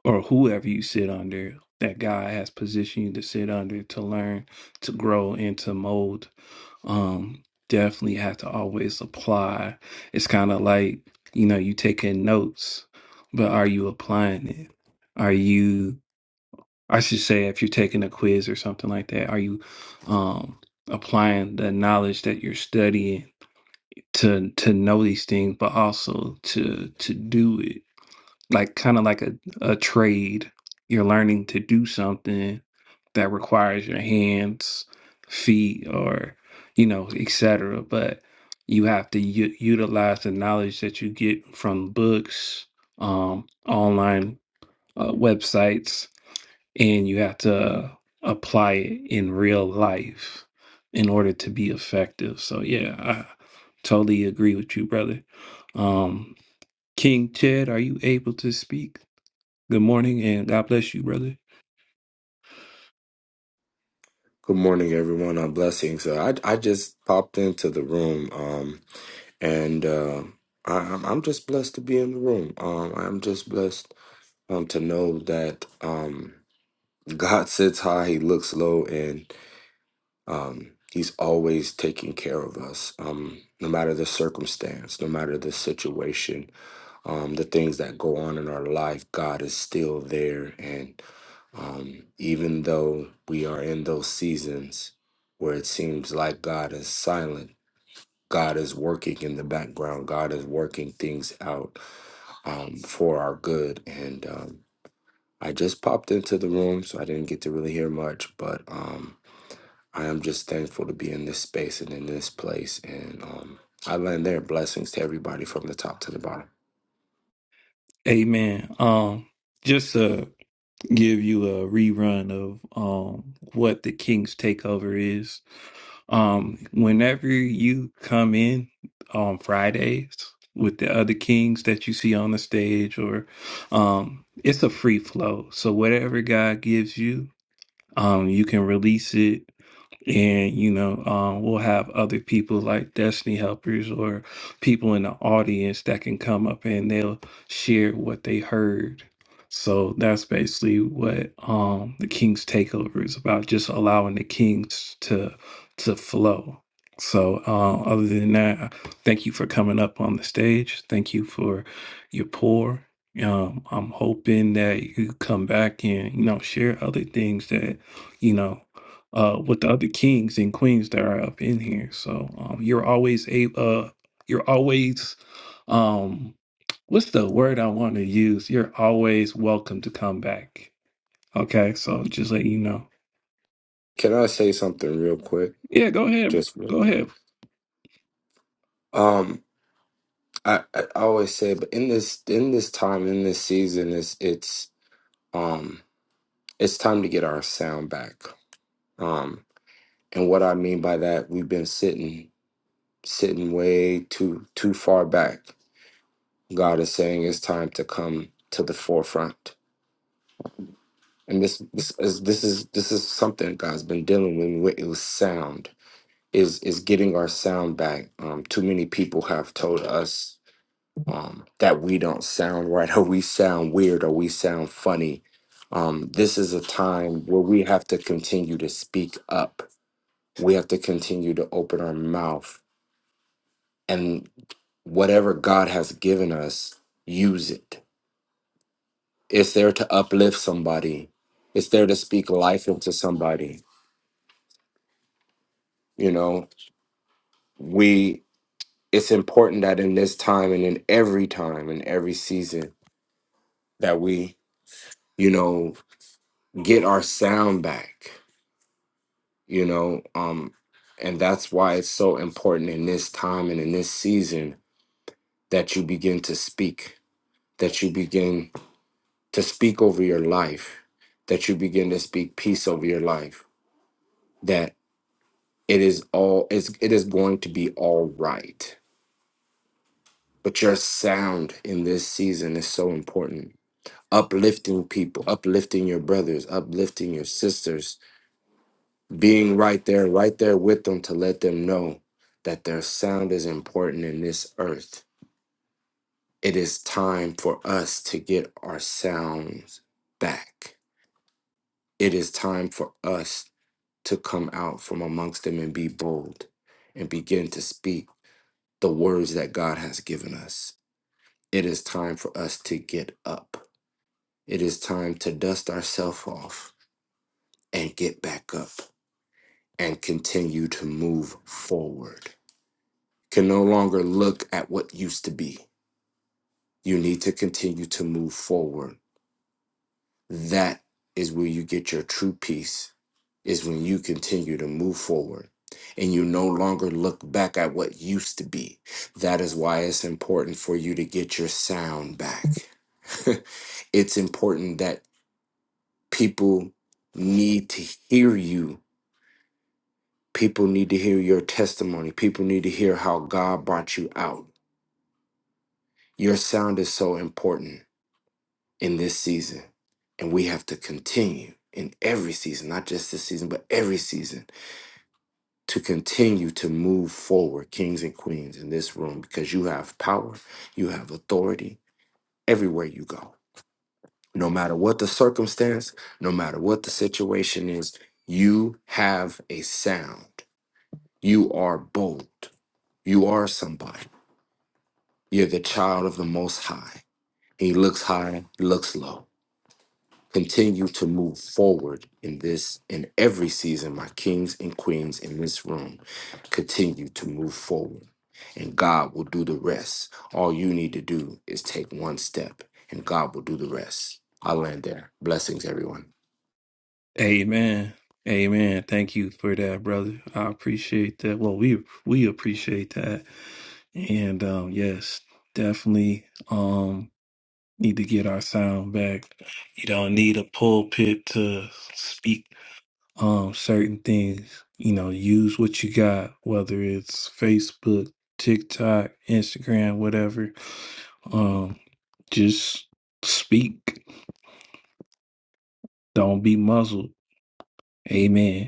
[SPEAKER 1] or whoever you sit under that God has positioned you to sit under to learn, to grow, and to mold, um, definitely have to always apply. It's kind of like, you know, you taking notes, but are you applying it? Are you, I should say, if you're taking a quiz or something like that, are you um, applying the knowledge that you're studying to to know these things, but also to to do it? like kind of like a, a trade. You're learning to do something that requires your hands, feet, or you know, etc. But you have to u- utilize the knowledge that you get from books, um, online uh, websites, and you have to apply it in real life in order to be effective. So yeah, I totally agree with you, brother. Um, King Ted, are you able to speak? Good morning and God bless you, brother.
[SPEAKER 9] Good morning, everyone. Uh, blessings. Uh, I I just popped into the room, um, and uh, I, I'm I'm just blessed to be in the room. Um, I'm just blessed um, to know that um, God sits high, He looks low, and um, He's always taking care of us, um, no matter the circumstance, no matter the situation, um, the things that go on in our life. God is still there, and. Um, even though we are in those seasons where it seems like God is silent, God is working in the background, God is working things out um, for our good. And um, I just popped into the room, so I didn't get to really hear much, but um, I am just thankful to be in this space and in this place. And um, I land there. Blessings to everybody from the top to the bottom.
[SPEAKER 1] Amen. Um, just to give you a rerun of um what the King's Takeover is. Um, whenever you come in on Fridays with the other kings that you see on the stage or um it's a free flow. So whatever God gives you, um, you can release it and you know um, we'll have other people like destiny helpers or people in the audience that can come up and they'll share what they heard so that's basically what um, the king's takeover is about just allowing the kings to to flow so uh, other than that thank you for coming up on the stage thank you for your pour um, i'm hoping that you come back and you know share other things that you know uh, with the other kings and queens that are up in here. So um, you're always a uh, you're always um, what's the word I want to use? You're always welcome to come back. Okay, so just let you know.
[SPEAKER 9] Can I say something real quick?
[SPEAKER 1] Yeah, go ahead, bro.
[SPEAKER 9] Just real
[SPEAKER 1] go
[SPEAKER 9] quick.
[SPEAKER 1] ahead.
[SPEAKER 9] Um, I, I always say, but in this in this time in this season, it's it's um it's time to get our sound back. Um, and what I mean by that, we've been sitting sitting way too too far back. God is saying it's time to come to the forefront. And this this is this is this is something God's been dealing with. me with. It was sound is is getting our sound back. Um, too many people have told us um, that we don't sound right or we sound weird or we sound funny. Um, this is a time where we have to continue to speak up. We have to continue to open our mouth and whatever God has given us, use it. It's there to uplift somebody. It's there to speak life into somebody. You know, we it's important that in this time and in every time and every season that we, you know, get our sound back you know um and that's why it's so important in this time and in this season that you begin to speak that you begin to speak over your life that you begin to speak peace over your life that it is all it's, it is going to be all right but your sound in this season is so important uplifting people uplifting your brothers uplifting your sisters being right there, right there with them to let them know that their sound is important in this earth. It is time for us to get our sounds back. It is time for us to come out from amongst them and be bold and begin to speak the words that God has given us. It is time for us to get up. It is time to dust ourselves off and get back up and continue to move forward can no longer look at what used to be. You need to continue to move forward. That is where you get your true peace, is when you continue to move forward and you no longer look back at what used to be. That is why it's important for you to get your sound back. it's important that people need to hear you. People need to hear your testimony. People need to hear how God brought you out. Your sound is so important in this season. And we have to continue in every season, not just this season, but every season, to continue to move forward, kings and queens in this room, because you have power, you have authority everywhere you go. No matter what the circumstance, no matter what the situation is, you have a sound. You are bold. You are somebody. You're the child of the Most High. He looks high, He looks low. Continue to move forward in this, in every season, my kings and queens in this room. Continue to move forward, and God will do the rest. All you need to do is take one step, and God will do the rest. I'll land there. Blessings, everyone.
[SPEAKER 1] Amen. Amen. Thank you for that, brother. I appreciate that. Well, we we appreciate that. And um yes, definitely um need to get our sound back. You don't need a pulpit to speak um certain things. You know, use what you got, whether it's Facebook, TikTok, Instagram, whatever. Um just speak. Don't be muzzled. Amen.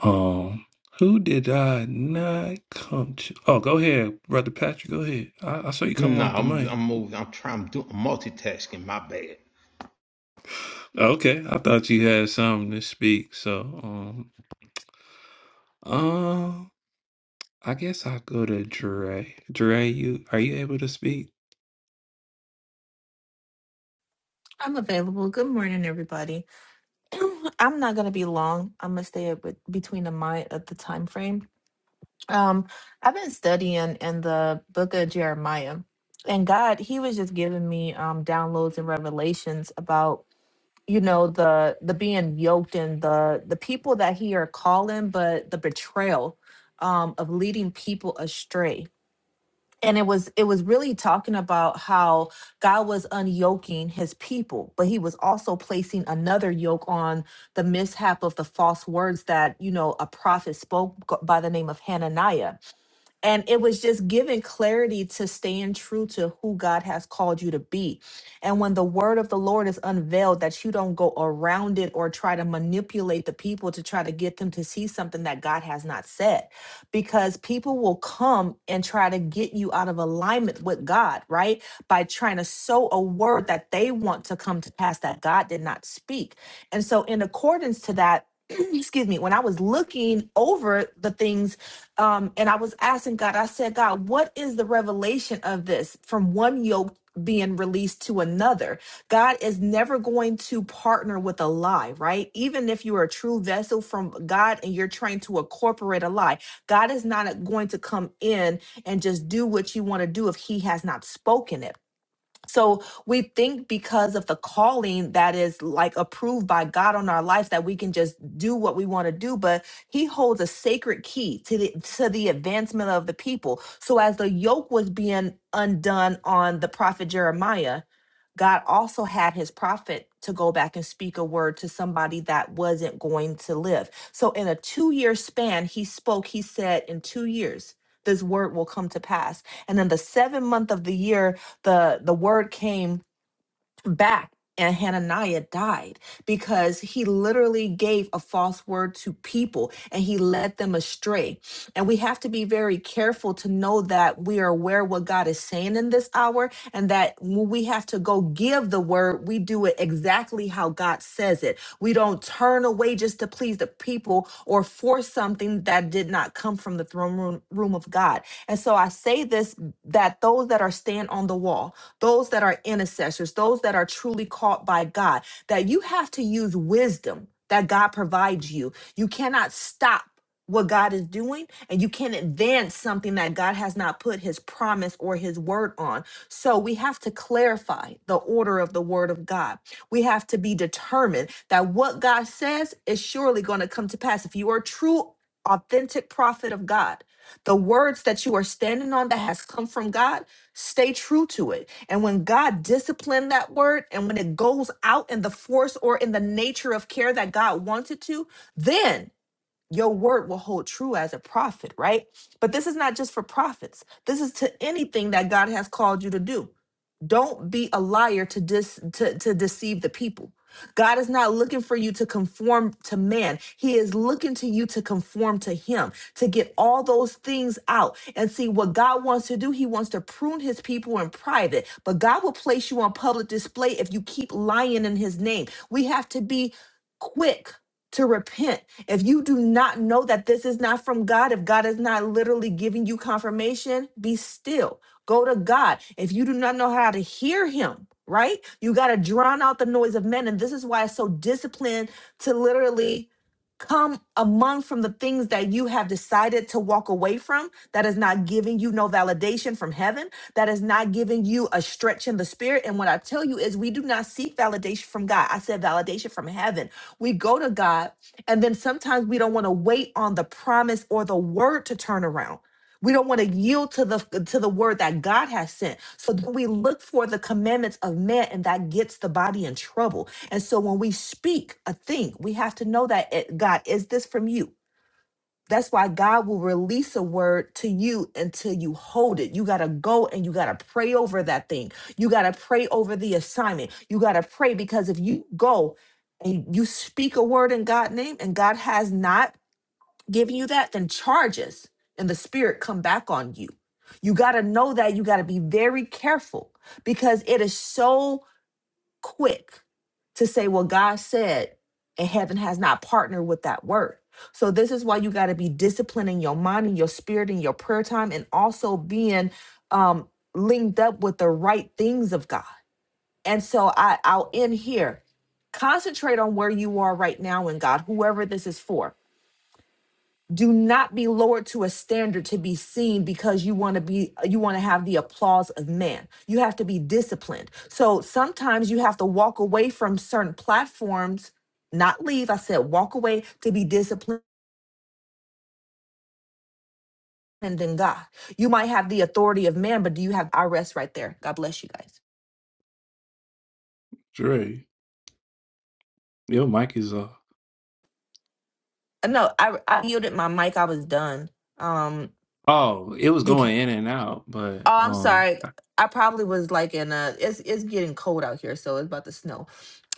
[SPEAKER 1] Um, who did I not come to? Oh, go ahead, brother Patrick. Go ahead. I, I saw you come
[SPEAKER 4] No,
[SPEAKER 1] off the
[SPEAKER 4] I'm
[SPEAKER 1] mic.
[SPEAKER 4] I'm moving. I'm trying. I'm doing I'm multitasking. My bad.
[SPEAKER 1] Okay, I thought you had something to speak. So, um, um, I guess I'll go to Dre. Dre, you are you able to speak?
[SPEAKER 10] I'm available. Good morning, everybody. I'm not gonna be long. I'm gonna stay up with, between the mind of the time frame. Um, I've been studying in the book of Jeremiah, and God, He was just giving me um downloads and revelations about you know the the being yoked and the the people that He are calling, but the betrayal um of leading people astray and it was it was really talking about how God was unyoking his people, but he was also placing another yoke on the mishap of the false words that, you know, a prophet spoke g- by the name of Hananiah and it was just giving clarity to staying true to who God has called you to be. And when the word of the Lord is unveiled, that you don't go around it or try to manipulate the people to try to get them to see something that God has not said. Because people will come and try to get you out of alignment with God, right? By trying to sow a word that they want to come to pass that God did not speak. And so, in accordance to that, excuse me, when I was looking over the things um, and I was asking God, I said, God, what is the revelation of this from one yoke being released to another? God is never going to partner with a lie, right? Even if you are a true vessel from God and you're trying to incorporate a lie, God is not going to come in and just do what you want to do if He has not spoken it. So we think because of the calling that is like approved by God on our lives that we can just do what we want to do, but he holds a sacred key to the to the advancement of the people. So as the yoke was being undone on the prophet Jeremiah, God also had his prophet to go back and speak a word to somebody that wasn't going to live. So in a 2-year span, he spoke, he said in 2 years this word will come to pass. And then the 7th month of the year, the the word came back and Hananiah died because he literally gave a false word to people and he led them astray. And we have to be very careful to know that we are aware what God is saying in this hour and that when we have to go give the word, we do it exactly how God says it. We don't turn away just to please the people or force something that did not come from the throne room, room of God. And so I say this that those that are stand on the wall, those that are intercessors, those that are truly caught by God, that you have to use wisdom that God provides you. You cannot stop what God is doing, and you can't advance something that God has not put his promise or his word on. So we have to clarify the order of the word of God. We have to be determined that what God says is surely going to come to pass. If you are a true, authentic prophet of God, the words that you are standing on that has come from God Stay true to it. And when God disciplined that word and when it goes out in the force or in the nature of care that God wants it to, then your word will hold true as a prophet, right? But this is not just for prophets. This is to anything that God has called you to do. Don't be a liar to dis to, to deceive the people. God is not looking for you to conform to man. He is looking to you to conform to him, to get all those things out. And see what God wants to do, he wants to prune his people in private, but God will place you on public display if you keep lying in his name. We have to be quick to repent. If you do not know that this is not from God, if God is not literally giving you confirmation, be still Go to God. If you do not know how to hear Him, right? You got to drown out the noise of men. And this is why it's so disciplined to literally come among from the things that you have decided to walk away from that is not giving you no validation from heaven that is not giving you a stretch in the spirit and what i tell you is we do not seek validation from god i said validation from heaven we go to god and then sometimes we don't want to wait on the promise or the word to turn around we don't want to yield to the to the word that God has sent. So then we look for the commandments of man, and that gets the body in trouble. And so when we speak a thing, we have to know that it, God is this from you. That's why God will release a word to you until you hold it. You got to go and you got to pray over that thing. You got to pray over the assignment. You got to pray because if you go and you speak a word in God's name and God has not giving you that, then charges and the spirit come back on you. You got to know that. You got to be very careful because it is so quick to say, well, God said, and heaven has not partnered with that word. So, this is why you got to be disciplining your mind and your spirit and your prayer time and also being um, linked up with the right things of God. And so, I, I'll end here. Concentrate on where you are right now in God, whoever this is for do not be lowered to a standard to be seen because you want to be you want to have the applause of man you have to be disciplined so sometimes you have to walk away from certain platforms not leave i said walk away to be disciplined in god you might have the authority of man but do you have i rest right there god bless you guys
[SPEAKER 1] Dre, your mic is off.
[SPEAKER 10] Uh, no i i yielded my mic i was done um
[SPEAKER 1] Oh, it was
[SPEAKER 10] because
[SPEAKER 1] going in and out, but
[SPEAKER 10] Oh, I'm
[SPEAKER 1] um,
[SPEAKER 10] sorry. I probably was like in a it's it's getting cold out here, so it's about to snow.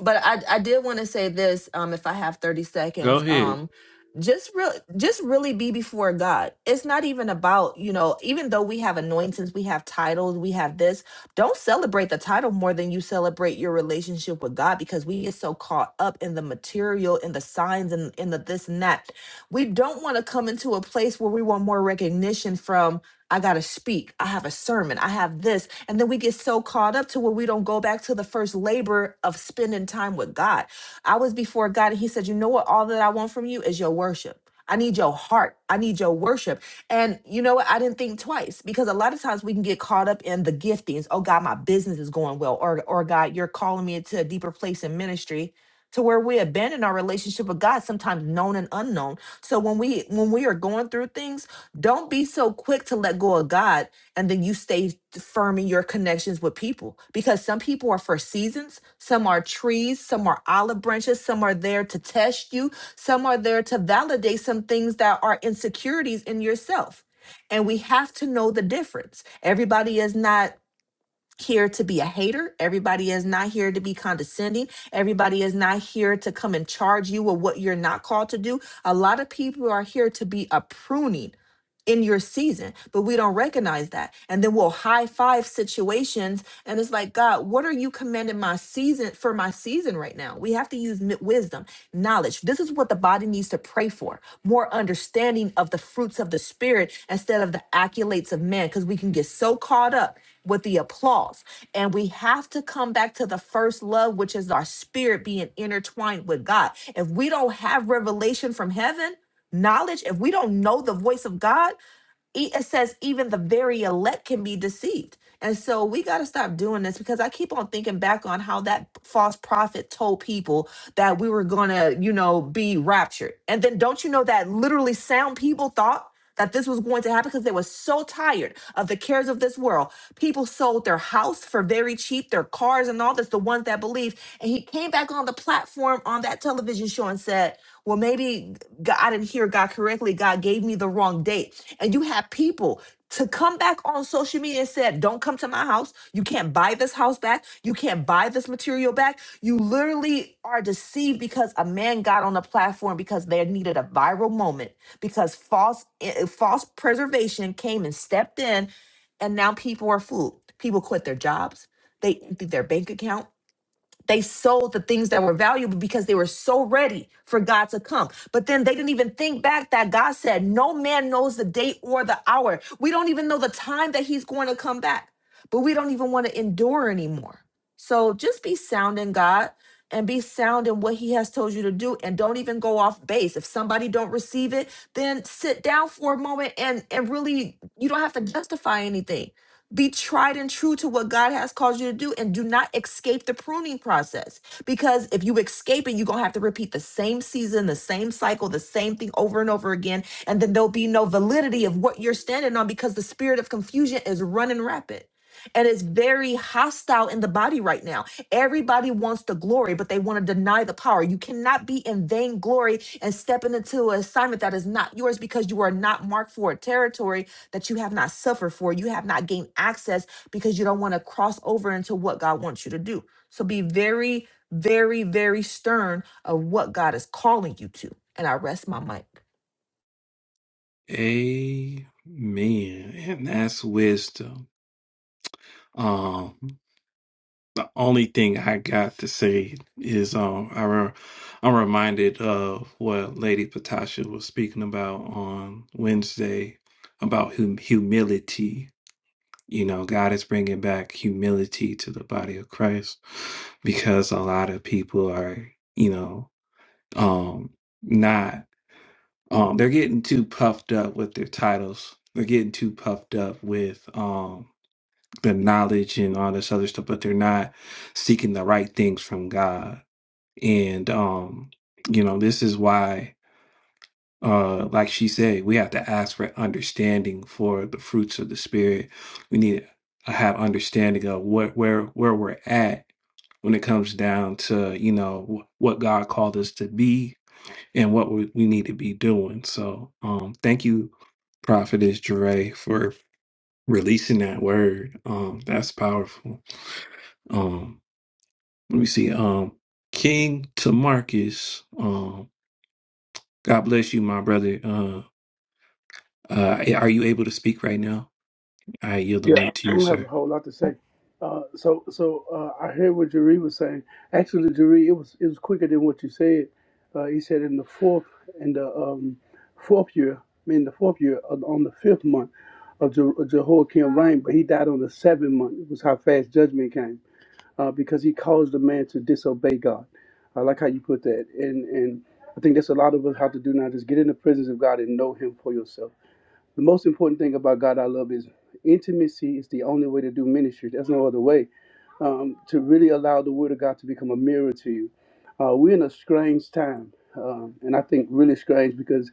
[SPEAKER 10] But I I did want to say this, um, if I have 30
[SPEAKER 1] go
[SPEAKER 10] seconds.
[SPEAKER 1] ahead.
[SPEAKER 10] Um just real just really be before God. It's not even about, you know, even though we have anointings, we have titles, we have this, don't celebrate the title more than you celebrate your relationship with God because we get so caught up in the material, in the signs and in the this and that. We don't want to come into a place where we want more recognition from I got to speak. I have a sermon. I have this. And then we get so caught up to where we don't go back to the first labor of spending time with God. I was before God and He said, You know what? All that I want from you is your worship. I need your heart. I need your worship. And you know what? I didn't think twice because a lot of times we can get caught up in the giftings. Oh God, my business is going well. Or, or God, you're calling me into a deeper place in ministry to where we abandon our relationship with God, sometimes known and unknown. So when we when we are going through things, don't be so quick to let go of God and then you stay firm in your connections with people because some people are for seasons, some are trees, some are olive branches, some are there to test you, some are there to validate some things that are insecurities in yourself. And we have to know the difference. Everybody is not here to be a hater, everybody is not here to be condescending, everybody is not here to come and charge you with what you're not called to do. A lot of people are here to be a pruning in your season, but we don't recognize that. And then we'll high five situations. And it's like, God, what are you commanding my season for my season right now? We have to use mi- wisdom, knowledge. This is what the body needs to pray for more understanding of the fruits of the spirit instead of the accolades of man, because we can get so caught up with the applause. And we have to come back to the first love, which is our spirit being intertwined with God. If we don't have revelation from heaven, knowledge, if we don't know the voice of God, e- it says even the very elect can be deceived. And so we got to stop doing this because I keep on thinking back on how that false prophet told people that we were going to, you know, be raptured. And then don't you know that literally sound people thought that this was going to happen because they were so tired of the cares of this world. People sold their house for very cheap, their cars and all this, the ones that believed. And he came back on the platform platform on that television show and said, well, maybe God, I didn't hear God correctly. God gave me the wrong date. And you have people to come back on social media and said, don't come to my house. You can't buy this house back. You can't buy this material back. You literally are deceived because a man got on a platform because they needed a viral moment because false, eh, eh, false preservation came and stepped in and now people are fooled. People quit their jobs. They empty their bank account they sold the things that were valuable because they were so ready for God to come. But then they didn't even think back that God said, No man knows the day or the hour. We don't even know the time that He's going to come back, but we don't even want to endure anymore. So just be sound in God and be sound in what he has told you to do and don't even go off base if somebody don't receive it then sit down for a moment and and really you don't have to justify anything be tried and true to what God has called you to do and do not escape the pruning process because if you escape it you're going to have to repeat the same season the same cycle the same thing over and over again and then there'll be no validity of what you're standing on because the spirit of confusion is running rapid and it's very hostile in the body right now. Everybody wants the glory, but they want to deny the power. You cannot be in vainglory and stepping into an assignment that is not yours because you are not marked for a territory that you have not suffered for. You have not gained access because you don't want to cross over into what God wants you to do. So be very, very, very stern of what God is calling you to. And I rest my mic.
[SPEAKER 1] Amen. And that's wisdom. Um, the only thing I got to say is um, I re- I'm reminded of what Lady Patasha was speaking about on Wednesday about hum- humility. You know, God is bringing back humility to the body of Christ because a lot of people are, you know, um, not um, they're getting too puffed up with their titles. They're getting too puffed up with um, the knowledge and all this other stuff, but they're not seeking the right things from God. And um, you know, this is why uh like she said, we have to ask for understanding for the fruits of the spirit. We need to have understanding of what where where we're at when it comes down to, you know, wh- what God called us to be and what we, we need to be doing. So um thank you, Prophetess Jure, for releasing that word. Um, that's powerful. Um, let me see. Um, King to Marcus. Um, God bless you, my brother. Uh, uh, are you able to speak right now? I yield the
[SPEAKER 11] Yeah,
[SPEAKER 1] mic to
[SPEAKER 11] I
[SPEAKER 1] you,
[SPEAKER 11] don't have a
[SPEAKER 1] sir.
[SPEAKER 11] whole lot to say. Uh, so, so uh, I heard what Jerry was saying. Actually, Jerry, it was it was quicker than what you said. Uh, he said in the fourth in the um, fourth year, I mean the fourth year on on the fifth month of Je- Jehoiakim reign, but he died on the seventh month. It was how fast judgment came uh, because he caused the man to disobey God. I like how you put that, and and I think that's a lot of us have to do now. Just get in the presence of God and know Him for yourself the most important thing about God I love is intimacy is the only way to do ministry. There's no other way um, to really allow the Word of God to become a mirror to you. Uh, we're in a strange time, um, and I think really strange because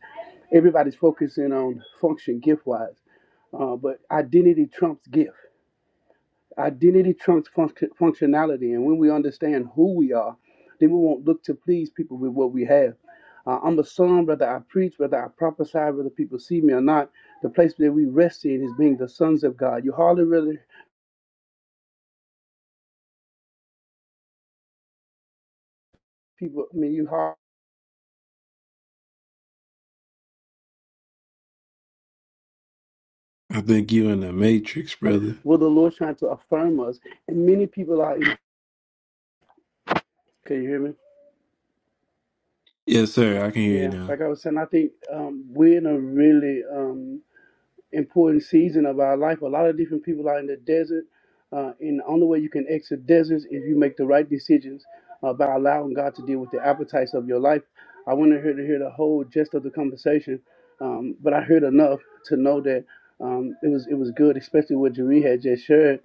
[SPEAKER 11] everybody's focusing on function gift wise, uh, but identity trumps gift. Identity trumps func- functionality, and when we understand who we are, then we won't look to please people with what we have. Uh, I'm a son, whether I preach, whether I prophesy, whether people see me or not. The place that we rest in is being the sons of God. You hardly really people. I mean, you hardly
[SPEAKER 1] I think you in the Matrix, brother.
[SPEAKER 11] will the Lord trying to affirm us, and many people are. Can you hear me?
[SPEAKER 1] Yes, sir. I can hear you
[SPEAKER 11] Yeah,
[SPEAKER 1] now.
[SPEAKER 11] like I was saying, I think um, we're in a really um, important season of our life. A lot of different people are in the desert, uh, and the only way you can exit deserts is you make the right decisions uh, by allowing God to deal with the appetites of your life. I wanted her to hear the whole gist of the conversation, um, but I heard enough to know that um, it was it was good, especially what Jeree had just shared.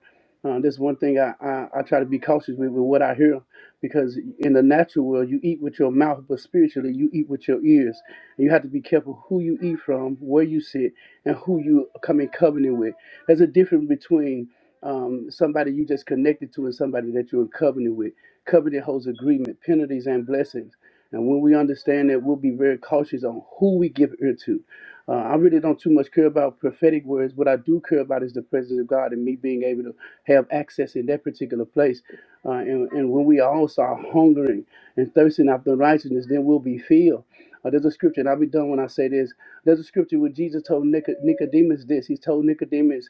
[SPEAKER 11] Uh, that's one thing I, I, I try to be cautious with, with what I hear, because in the natural world you eat with your mouth, but spiritually you eat with your ears. And you have to be careful who you eat from, where you sit, and who you come in covenant with. There's a difference between um, somebody you just connected to and somebody that you're in covenant with. Covenant holds agreement, penalties, and blessings. And when we understand that, we'll be very cautious on who we give ear to uh, I really don't too much care about prophetic words. What I do care about is the presence of God and me being able to have access in that particular place. Uh, and, and when we all start hungering and thirsting after righteousness, then we'll be filled. Uh, there's a scripture, and I'll be done when I say this. There's a scripture where Jesus told Nico- Nicodemus this. He told Nicodemus,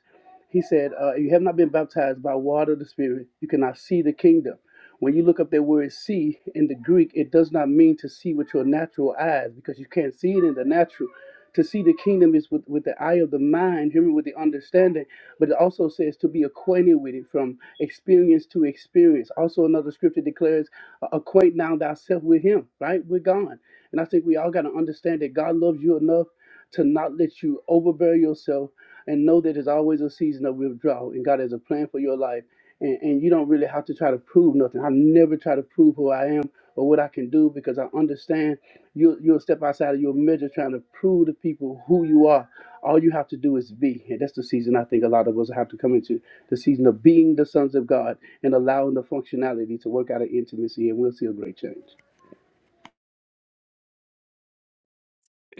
[SPEAKER 11] he said, uh, You have not been baptized by water of the Spirit, you cannot see the kingdom. When you look up that word see in the Greek, it does not mean to see with your natural eyes because you can't see it in the natural. To see the kingdom is with, with the eye of the mind, hear me with the understanding, but it also says to be acquainted with it from experience to experience. Also, another scripture declares, "Acquaint now thyself with him," right? We're gone. And I think we all got to understand that God loves you enough to not let you overbear yourself and know that there's always a season of withdrawal and God has a plan for your life. And, and you don't really have to try to prove nothing. I never try to prove who I am or what I can do because I understand you'll, you'll step outside of your measure trying to prove to people who you are. All you have to do is be. And that's the season I think a lot of us have to come into the season of being the sons of God and allowing the functionality to work out of intimacy, and we'll see a great change.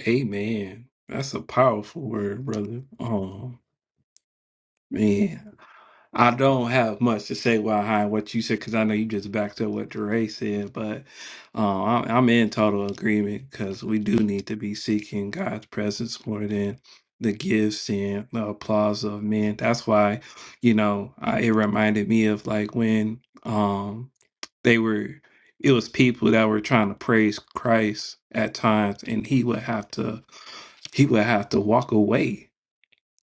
[SPEAKER 1] Amen. That's a powerful word, brother. Um, man. I don't have much to say behind what you said because I know you just backed up what Dre said, but uh, I'm, I'm in total agreement because we do need to be seeking God's presence more than the gifts and the applause of men. That's why, you know, I, it reminded me of like when um they were, it was people that were trying to praise Christ at times, and he would have to he would have to walk away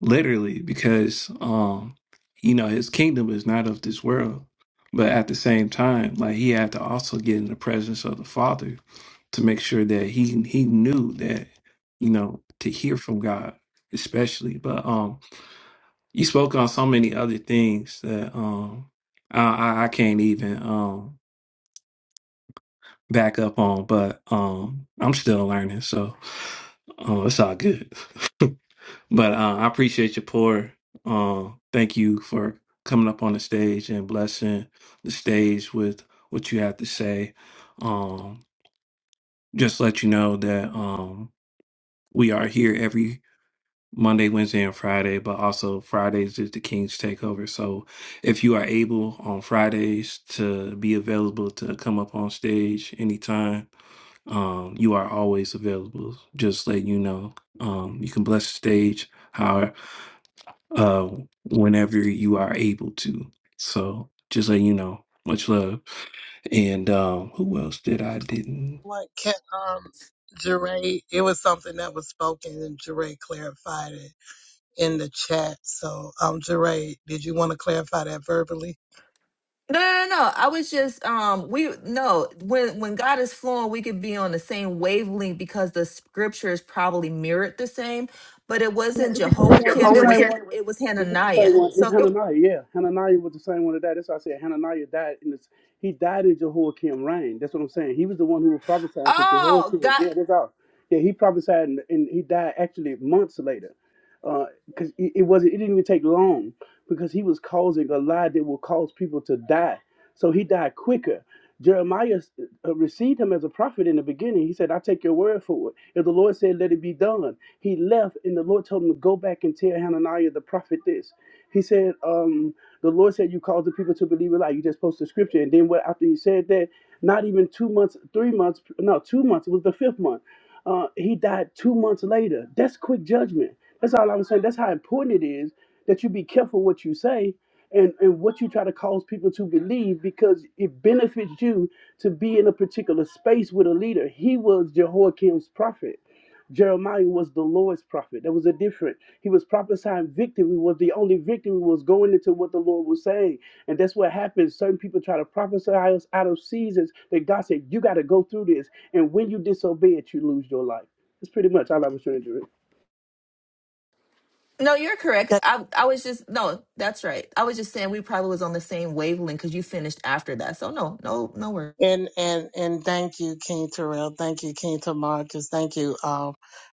[SPEAKER 1] literally because um you know his kingdom is not of this world but at the same time like he had to also get in the presence of the father to make sure that he he knew that you know to hear from god especially but um you spoke on so many other things that um i i I can't even um back up on but um i'm still learning so uh, it's all good But uh, I appreciate your pour. Uh, thank you for coming up on the stage and blessing the stage with what you have to say. Um, just let you know that um, we are here every Monday, Wednesday, and Friday, but also Fridays is the King's Takeover. So if you are able on Fridays to be available to come up on stage anytime, um, you are always available. Just let you know. Um, you can bless the stage uh, whenever you are able to. So just let you know, much love. And um, who else did I didn't?
[SPEAKER 12] What can um Jeray it was something that was spoken and Jeray clarified it in the chat. So um Jeray, did you want to clarify that verbally?
[SPEAKER 10] No, no, no. no. I was just um we no, when when God is flowing, we could be on the same wavelength because the scriptures probably mirrored the same, but it wasn't
[SPEAKER 11] Yeah,
[SPEAKER 10] Jehoiakim,
[SPEAKER 11] what's is the
[SPEAKER 10] it
[SPEAKER 11] name
[SPEAKER 10] was
[SPEAKER 11] same
[SPEAKER 10] Ha-
[SPEAKER 11] one?
[SPEAKER 10] it was
[SPEAKER 11] With, it's the same
[SPEAKER 10] Hananiah.
[SPEAKER 11] one.
[SPEAKER 10] So
[SPEAKER 11] It's
[SPEAKER 10] it
[SPEAKER 11] Hananiah. Yeah, Hananiah was the same one that died. That's why I said Hananiah died in this. He died in Jehoiakim reign. That's what I'm saying. He was the one who was prophesying to
[SPEAKER 10] oh
[SPEAKER 11] Jehoiakim.
[SPEAKER 10] God
[SPEAKER 11] Yeah, that's all. Yeah, he prophesied and, and he died actually months later, because it, it wasn't. It didn't even take long because he was causing a lie that will cause people to die. So he died quicker. Jeremiah uh, received him as a prophet in the beginning. He said, I take your word for it. If the Lord said, let it be done. He left, and the Lord told him to go back and tell Hananiah the prophet this. He said, um, the Lord said you called the people to believe a lie. You just posted scripture. And then what after he said that, not even two months, three months, no, two months, it was the fifth month. Uh, he died two months later. That's quick judgment. That's all I'm saying. That's how important it is that you be careful what you say and, and what you try to cause people to believe because it benefits you to be in a particular space with a leader. He was Jehoiakim's prophet. Jeremiah was the Lord's prophet. There was a difference. He was prophesying victory, was the only victory was going into what the Lord was saying. And that's what happens. Certain people try to prophesy us out of seasons that God said, You got to go through this. And when you disobey it, you lose your life. That's pretty much all I was trying to do.
[SPEAKER 10] no, you're correct.
[SPEAKER 12] That-
[SPEAKER 10] I I was just no, that's right. I was just saying we probably was on the same wavelength because you finished after that. So no, no, no worries.
[SPEAKER 12] And and and thank you, King Terrell. Thank you, King Tamarcus. Thank you, um,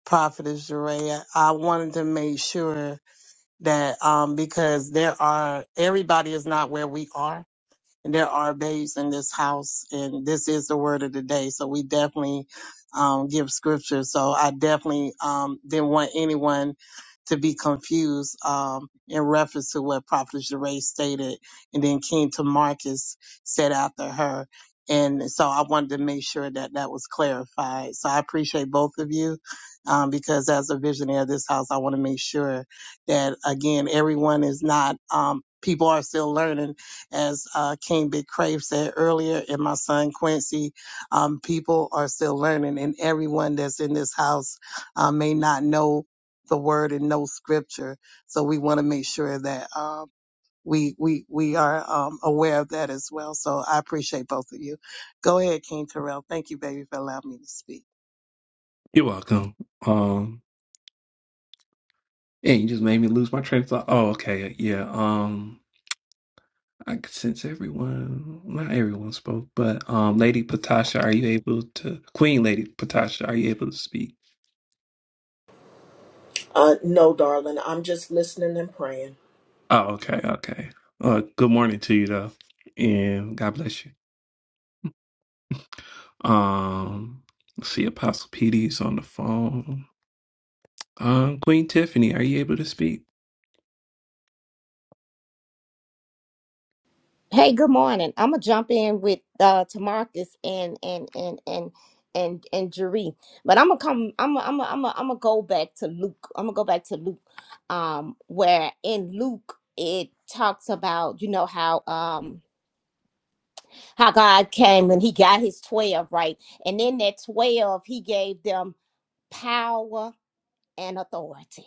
[SPEAKER 12] Prophetess Jeray. I wanted to make sure that um because there are everybody is not where we are there are babes in this house, and this is the word of the day. So we definitely um, give scripture. So I definitely um, didn't want anyone to be confused um, in reference to what Prophet Jeray stated, and then King to Marcus said after her. And so I wanted to make sure that that was clarified. So I appreciate both of you um, because as a visionary of this house, I want to make sure that again, everyone is not, um, people are still learning as uh, King Big Crave said earlier, and my son Quincy, um, people are still learning, and everyone that's in this house uh, may not know the word and know scripture. So we want to make sure that uh, we we we are um, aware of that as well. So I appreciate both of you. Go ahead, King Terrell. Thank you, baby, for allowing me to speak.
[SPEAKER 1] You're welcome. Um, and you just made me lose my train of thought. Oh, okay, yeah. Um, I could sense everyone. Not everyone spoke, but um, Lady Patasha, are you able to? Queen Lady Patasha, are you able to speak?
[SPEAKER 13] Uh, no, darling, I'm just listening and praying.
[SPEAKER 1] Oh, okay, okay. Uh, good morning to you though, and God bless you. Um, let's see, Apostle PD is on the phone. Uh, Queen Tiffany, are you able to speak?
[SPEAKER 14] Hey, good morning. I'm gonna jump in with uh Tamarcus and and and and and and Jeree. But I'm gonna come I'm gonna, I'm gonna, I'm gonna, I'm gonna go back to Luke. I'm gonna go back to Luke um where in Luke it talks about you know how um how God came and he got his 12, right? And in that 12 he gave them power and authority.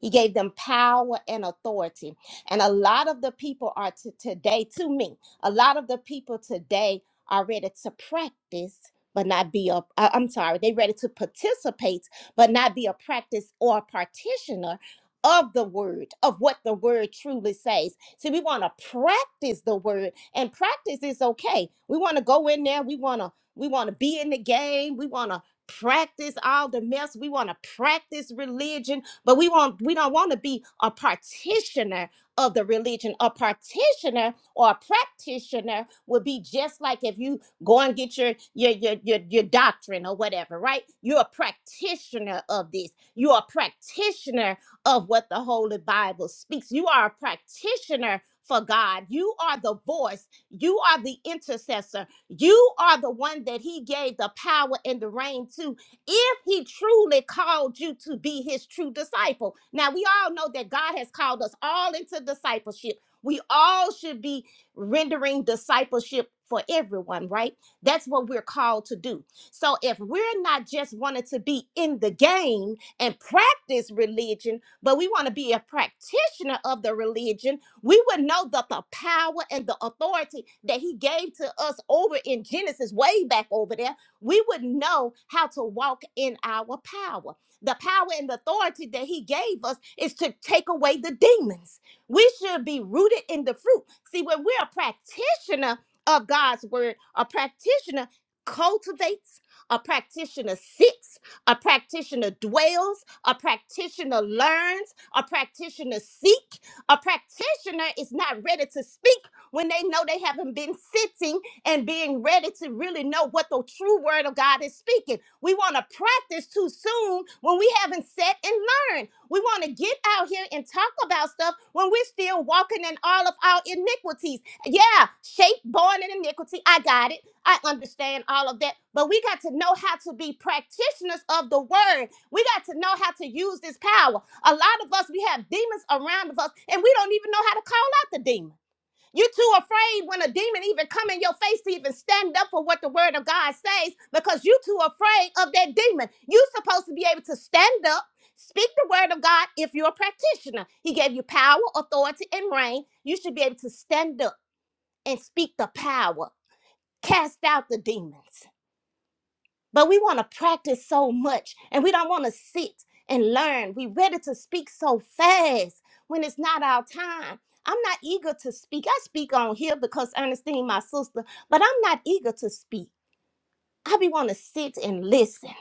[SPEAKER 14] He gave them power and authority. And a lot of the people are to today, to me, a lot of the people today are ready to practice, but not be a, I- I'm sorry, they ready to participate, but not be a practice or a partitioner of the word, of what the word truly says. See, we want to practice the word and practice is okay. We want to go in there. We want to, we want to be in the game. We want to practice all the mess. We want to practice religion. But we want we don't want to be a practitioner of the religion. A practitioner or a practitioner would be just like if you go and get your your your your, your doctrine or whatever, right? You're a practitioner of this. You're a practitioner of what the Holy Bible speaks. You are a practitioner for God. You are the voice. You are the intercessor. You are the one that He gave the power and the reign to if he truly called you to be his true disciple. Now, we all know that God has called us all into discipleship. We all should be rendering discipleship for everyone, right? That's what we're called to do. So, if we're not just wanting to be in the game and practice religion, but we want to be a practitioner of the religion, we would know that the power and the authority that he gave to us over in Genesis, way back over there we wouldn't know how to walk in our power. The power and authority that He gave us is to take away the demons. We should be rooted in the fruit. See, when we're a practitioner of God's word, a practitioner cultivates, a practitioner sits, a practitioner dwells, a practitioner learns, a practitioner seek. A practitioner is not ready to speak when they know they haven't been sitting and being ready to really know what the true word of God is speaking. We want to practice too soon when we haven't sat and learned. We want to get out here and talk about stuff when we're still walking in all of our iniquities. Yeah, shape born in iniquity. I got it. I understand all of that. But we got to know how to be practitioners of the word. We got to know how to use this power. A lot of us, we have demons around of us, and we don't even know how to call out the demon. You're too afraid when a demon even come in your face to even stand up for what the word of God says because you're too afraid of that demon. You're supposed to be able to stand up, speak the word of God if you're a practitioner. He gave you power, authority, and reign. You should be able to stand up and speak the power, cast out the demons but we want to practice so much and we don't want to sit and learn. We ready to speak so fast when it's not our time. I'm not eager to speak. I speak on here because Ernestine, my sister, but I'm not eager to speak. I be want to sit and listen.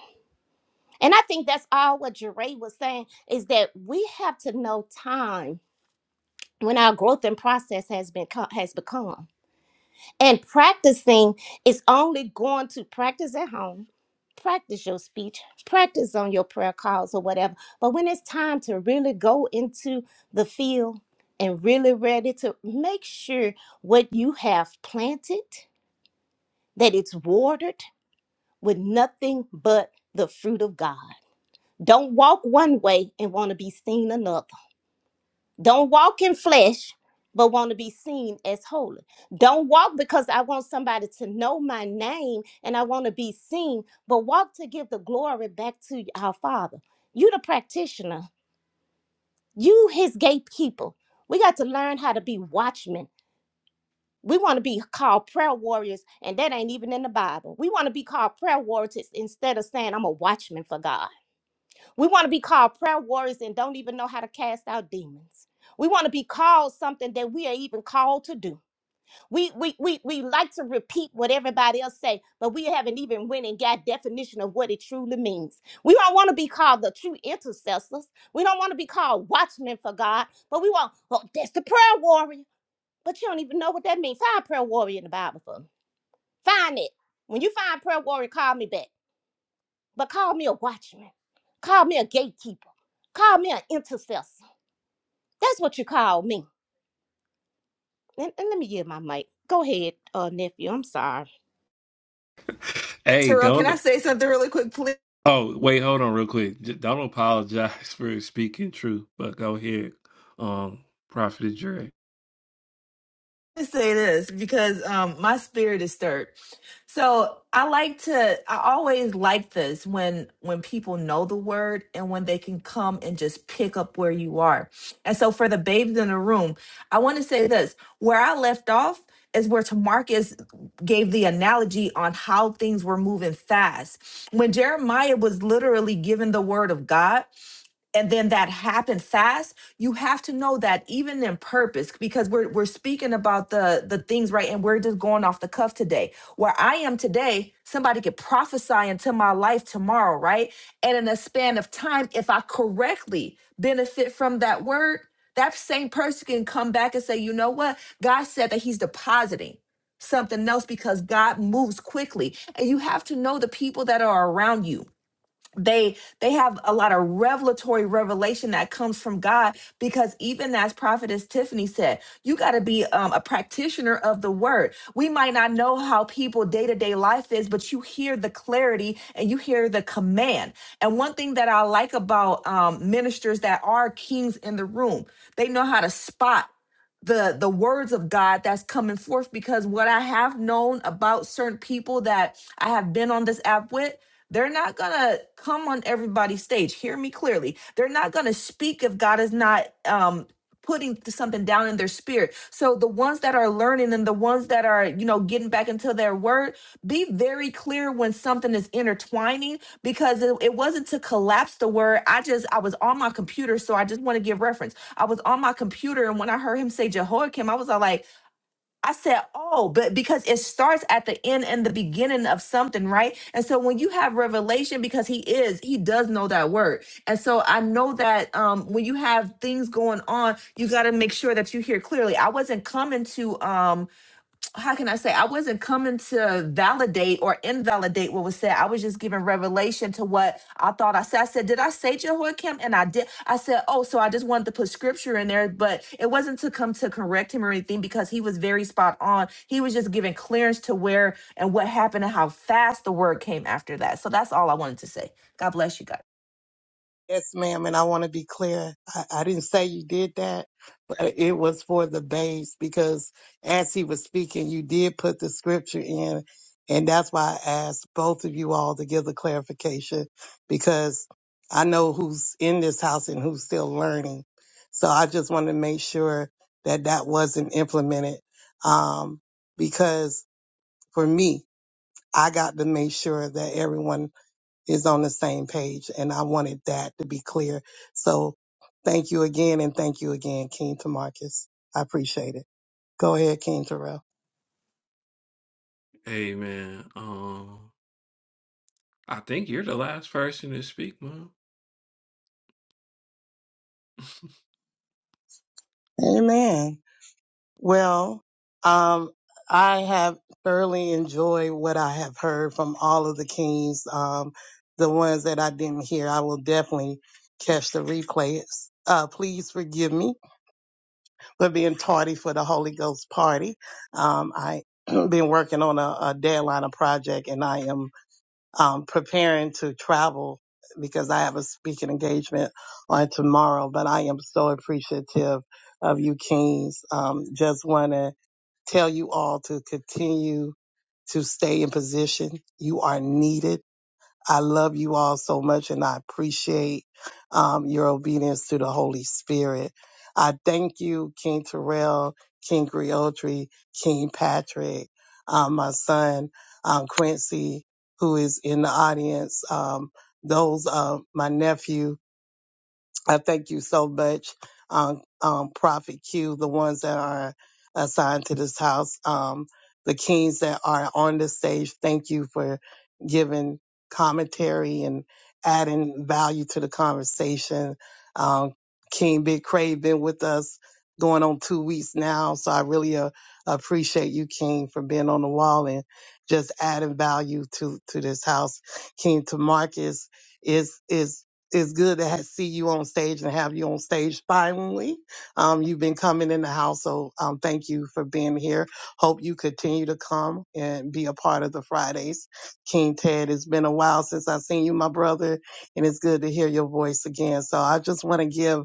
[SPEAKER 14] And I think that's all what Jeray was saying is that we have to know time when our growth and process has been co- has become. And practicing is only going to practice at home, practice your speech, practice on your prayer calls or whatever. But when it's time to really go into the field and really ready to make sure what you have planted, that it's watered with nothing but the fruit of God. Don't walk one way and want to be seen another. Don't walk in flesh, but want to be seen as holy. Don't walk because I want somebody to know my name and I want to be seen, but walk to give the glory back to our Father. You, the practitioner, you, his gatekeeper. We got to learn how to be watchmen. We want to be called prayer warriors, and that ain't even in the Bible. We want to be called prayer warriors instead of saying, I'm a watchman for God. We want to be called prayer warriors and don't even know how to cast out demons. We want to be called something that we are even called to do. We we we we like to repeat what everybody else say, but we haven't even went and got definition of what it truly means. We don't want to be called the true intercessors. We don't want to be called watchmen for God, but we want, well, that's the prayer warrior. But you don't even know what that means. Find prayer warrior in the Bible for me. Find it. When you find prayer warrior, call me back. But call me a watchman. Call me a gatekeeper Call me an intercessor. That's what you call me. And, and let me give my mic. Go ahead, uh, nephew. I'm sorry.
[SPEAKER 1] Hey,
[SPEAKER 10] Terrell, can I
[SPEAKER 1] don't.
[SPEAKER 10] say something really quick, please?
[SPEAKER 1] Oh, wait, hold on, real quick. J- Don't apologize for speaking truth, but go ahead. Um, Prophet Dre.
[SPEAKER 10] to say this because um, my spirit is stirred. So I like to. I always like this when when people know the word and when they can come and just pick up where you are. And so for the babes in the room, I want to say this: where I left off is where Tamarcus gave the analogy on how things were moving fast. When Jeremiah was literally given the word of God, and then that happened fast you have to know that even in purpose because we're we're speaking about the the things right and we're just going off the cuff today where i am today somebody could prophesy into my life tomorrow right and in a span of time if i correctly benefit from that word that same person can come back and say you know what god said that he's depositing something else because god moves quickly and you have to know the people that are around you they they have a lot of revelatory revelation that comes from god because even as prophetess tiffany said you got to be um, a practitioner of the word we might not know how people day-to-day life is but you hear the clarity and you hear the command and one thing that i like about um, ministers that are kings in the room they know how to spot the the words of God that's coming forth because what I have known about certain people that I have been on this app with they're not going to come on everybody's stage. Hear me clearly. They're not going to speak if God is not um putting th- something down in their spirit. So the ones that are learning and the ones that are, you know, getting back into their word, be very clear when something is intertwining because it, it wasn't to collapse the word. I just I was on my computer, so I just want to give reference. I was on my computer and when I heard him say Jehoiakim, I was all like I said, oh, but because it starts at the end and the beginning of something, right? And so when you have revelation, because he is, he does know that word. And so I know that um, when you have things going on, you got to make sure that you hear clearly. I wasn't coming to um, how can I say, I wasn't coming to validate or invalidate what was said. I was just giving revelation to what I thought I said. I said, Did I say Jehoiakim? And I did. I said, Oh, so I just wanted to put scripture in there, but it wasn't to come to correct him or anything because he was very spot on. He was just giving clearance to where and what happened and how fast the word came after that. So that's all I wanted to say. God bless you guys.
[SPEAKER 12] Yes, ma'am, and I want to be clear. I, I didn't say you did that, but it was for the babes because as he was speaking, you did put the scripture in, and that's why I asked both of you all to give the clarification because I know who's in this house and who's still learning. So I just want to make sure that that wasn't implemented um, because for me, I got to make sure that everyone is on the same page. And I wanted that to be clear. So thank you again. And thank you again, King Tamarcus. I appreciate it. Go ahead, King Terrell.
[SPEAKER 1] Amen. Um, I think you're the last person to speak, Mom.
[SPEAKER 12] Amen. Well, um, I have thoroughly enjoyed what I have heard from all of the kings. Um, the ones that I didn't hear, I will definitely catch the replays. Uh, please forgive me for being tardy for the Holy Ghost party. Um, I been working on a, a deadline, a project, and I am um, preparing to travel because I have a speaking engagement on tomorrow, but I am so appreciative of you, Kings. Um, just want to tell you all to continue to stay in position. You are needed I love you all so much and I appreciate um, your obedience to the Holy Spirit. I thank you, King Terrell, King Griotri, King Patrick, um, my son, um, Quincy, who is in the audience, um, those, uh, my nephew, I thank you so much, um, um, Prophet Q, the ones that are assigned to this house, um, the kings that are on the stage. Thank you for giving commentary and adding value to the conversation. Um, King Big Crave been with us going on two weeks now, so I really uh, appreciate you, King, for being on the wall and just adding value to to this house. King Tamarcus is is it's good to ha see you on stage and have you on stage finally. Um, you've been coming in the house, so um, thank you for being here. Hope you continue to come and be a part of the Fridays. King Ted, it's been a while since I've seen you, my brother, and it's good to hear your voice again. So I just want to give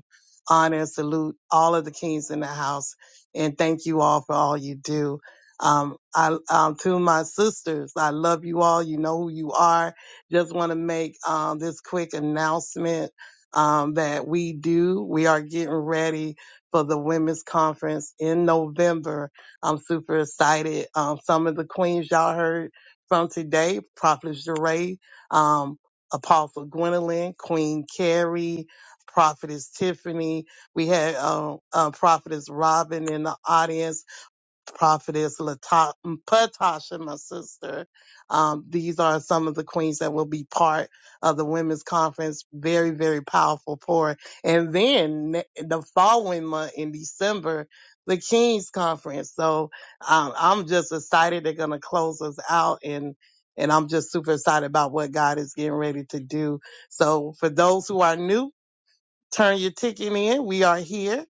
[SPEAKER 12] honor and salute all of the kings in the house and thank you all for all you do. Um, I, um, to my sisters, I love you all. You know who you are just want to make um, this quick announcement um, that we do. We are getting ready for the women's conference in November. I'm super excited. Um, some of the queens y'all heard from today, Prophet Jeray, um, Apostle Gwendolyn, Queen Carrie, Prophetess Tiffany. We had uh, uh, Prophetess Robin in the audience Prophetess Lata- mm, Patasha, my sister. Um, these are some of the queens that will be part of the women's conference. Very, very powerful pour. And then ne- the following month in December, the King's Conference. So um, I'm just excited. They're going to close us out and and I'm just super excited about what God is getting ready to do. So for those who are new, Turn your ticket in. We are here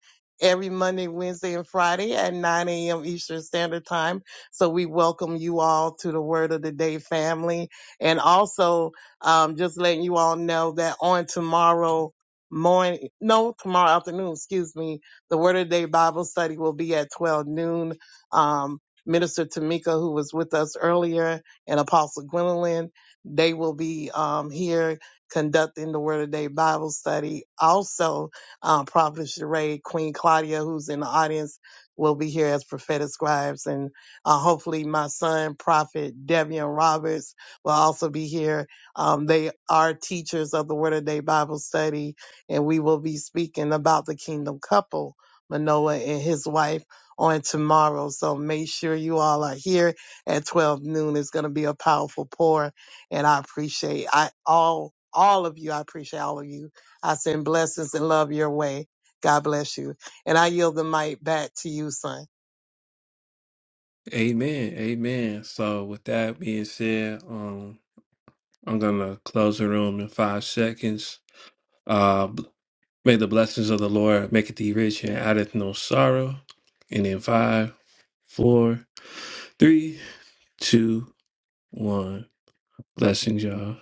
[SPEAKER 12] every Monday, Wednesday, and Friday at 9 a.m. Eastern Standard Time. So we welcome you all to the Word of the Day family. And also, um, just letting you all know that on tomorrow morning, no, tomorrow afternoon, excuse me, the Word of the Day Bible study will be at 12 noon. Um, Minister Tamika, who was with us earlier, and Apostle Gwendolyn, they will be um, here conducting the Word of Day Bible study. Also, um, Prophet Sheree, Queen Claudia, who's in the audience, will be here as prophetic scribes. And uh, hopefully, my son, Prophet Devian Roberts, will also be here. Um, they are teachers of the Word of Day Bible study, and we will be speaking about the kingdom couple, Manoah and his wife. On tomorrow. So make sure you all are here at 12 noon. It's going to be a powerful pour and I appreciate I all all of you. I appreciate all of you. I send blessings and love your way. God bless you. And I yield the mic back to you, son.
[SPEAKER 1] Amen. Amen. So with that being said, um, I'm gonna close the room in five seconds. Uh b- may the blessings of the Lord make it thee rich and addeth no sorrow. And in five, four, three, two, one. Blessings, y'all.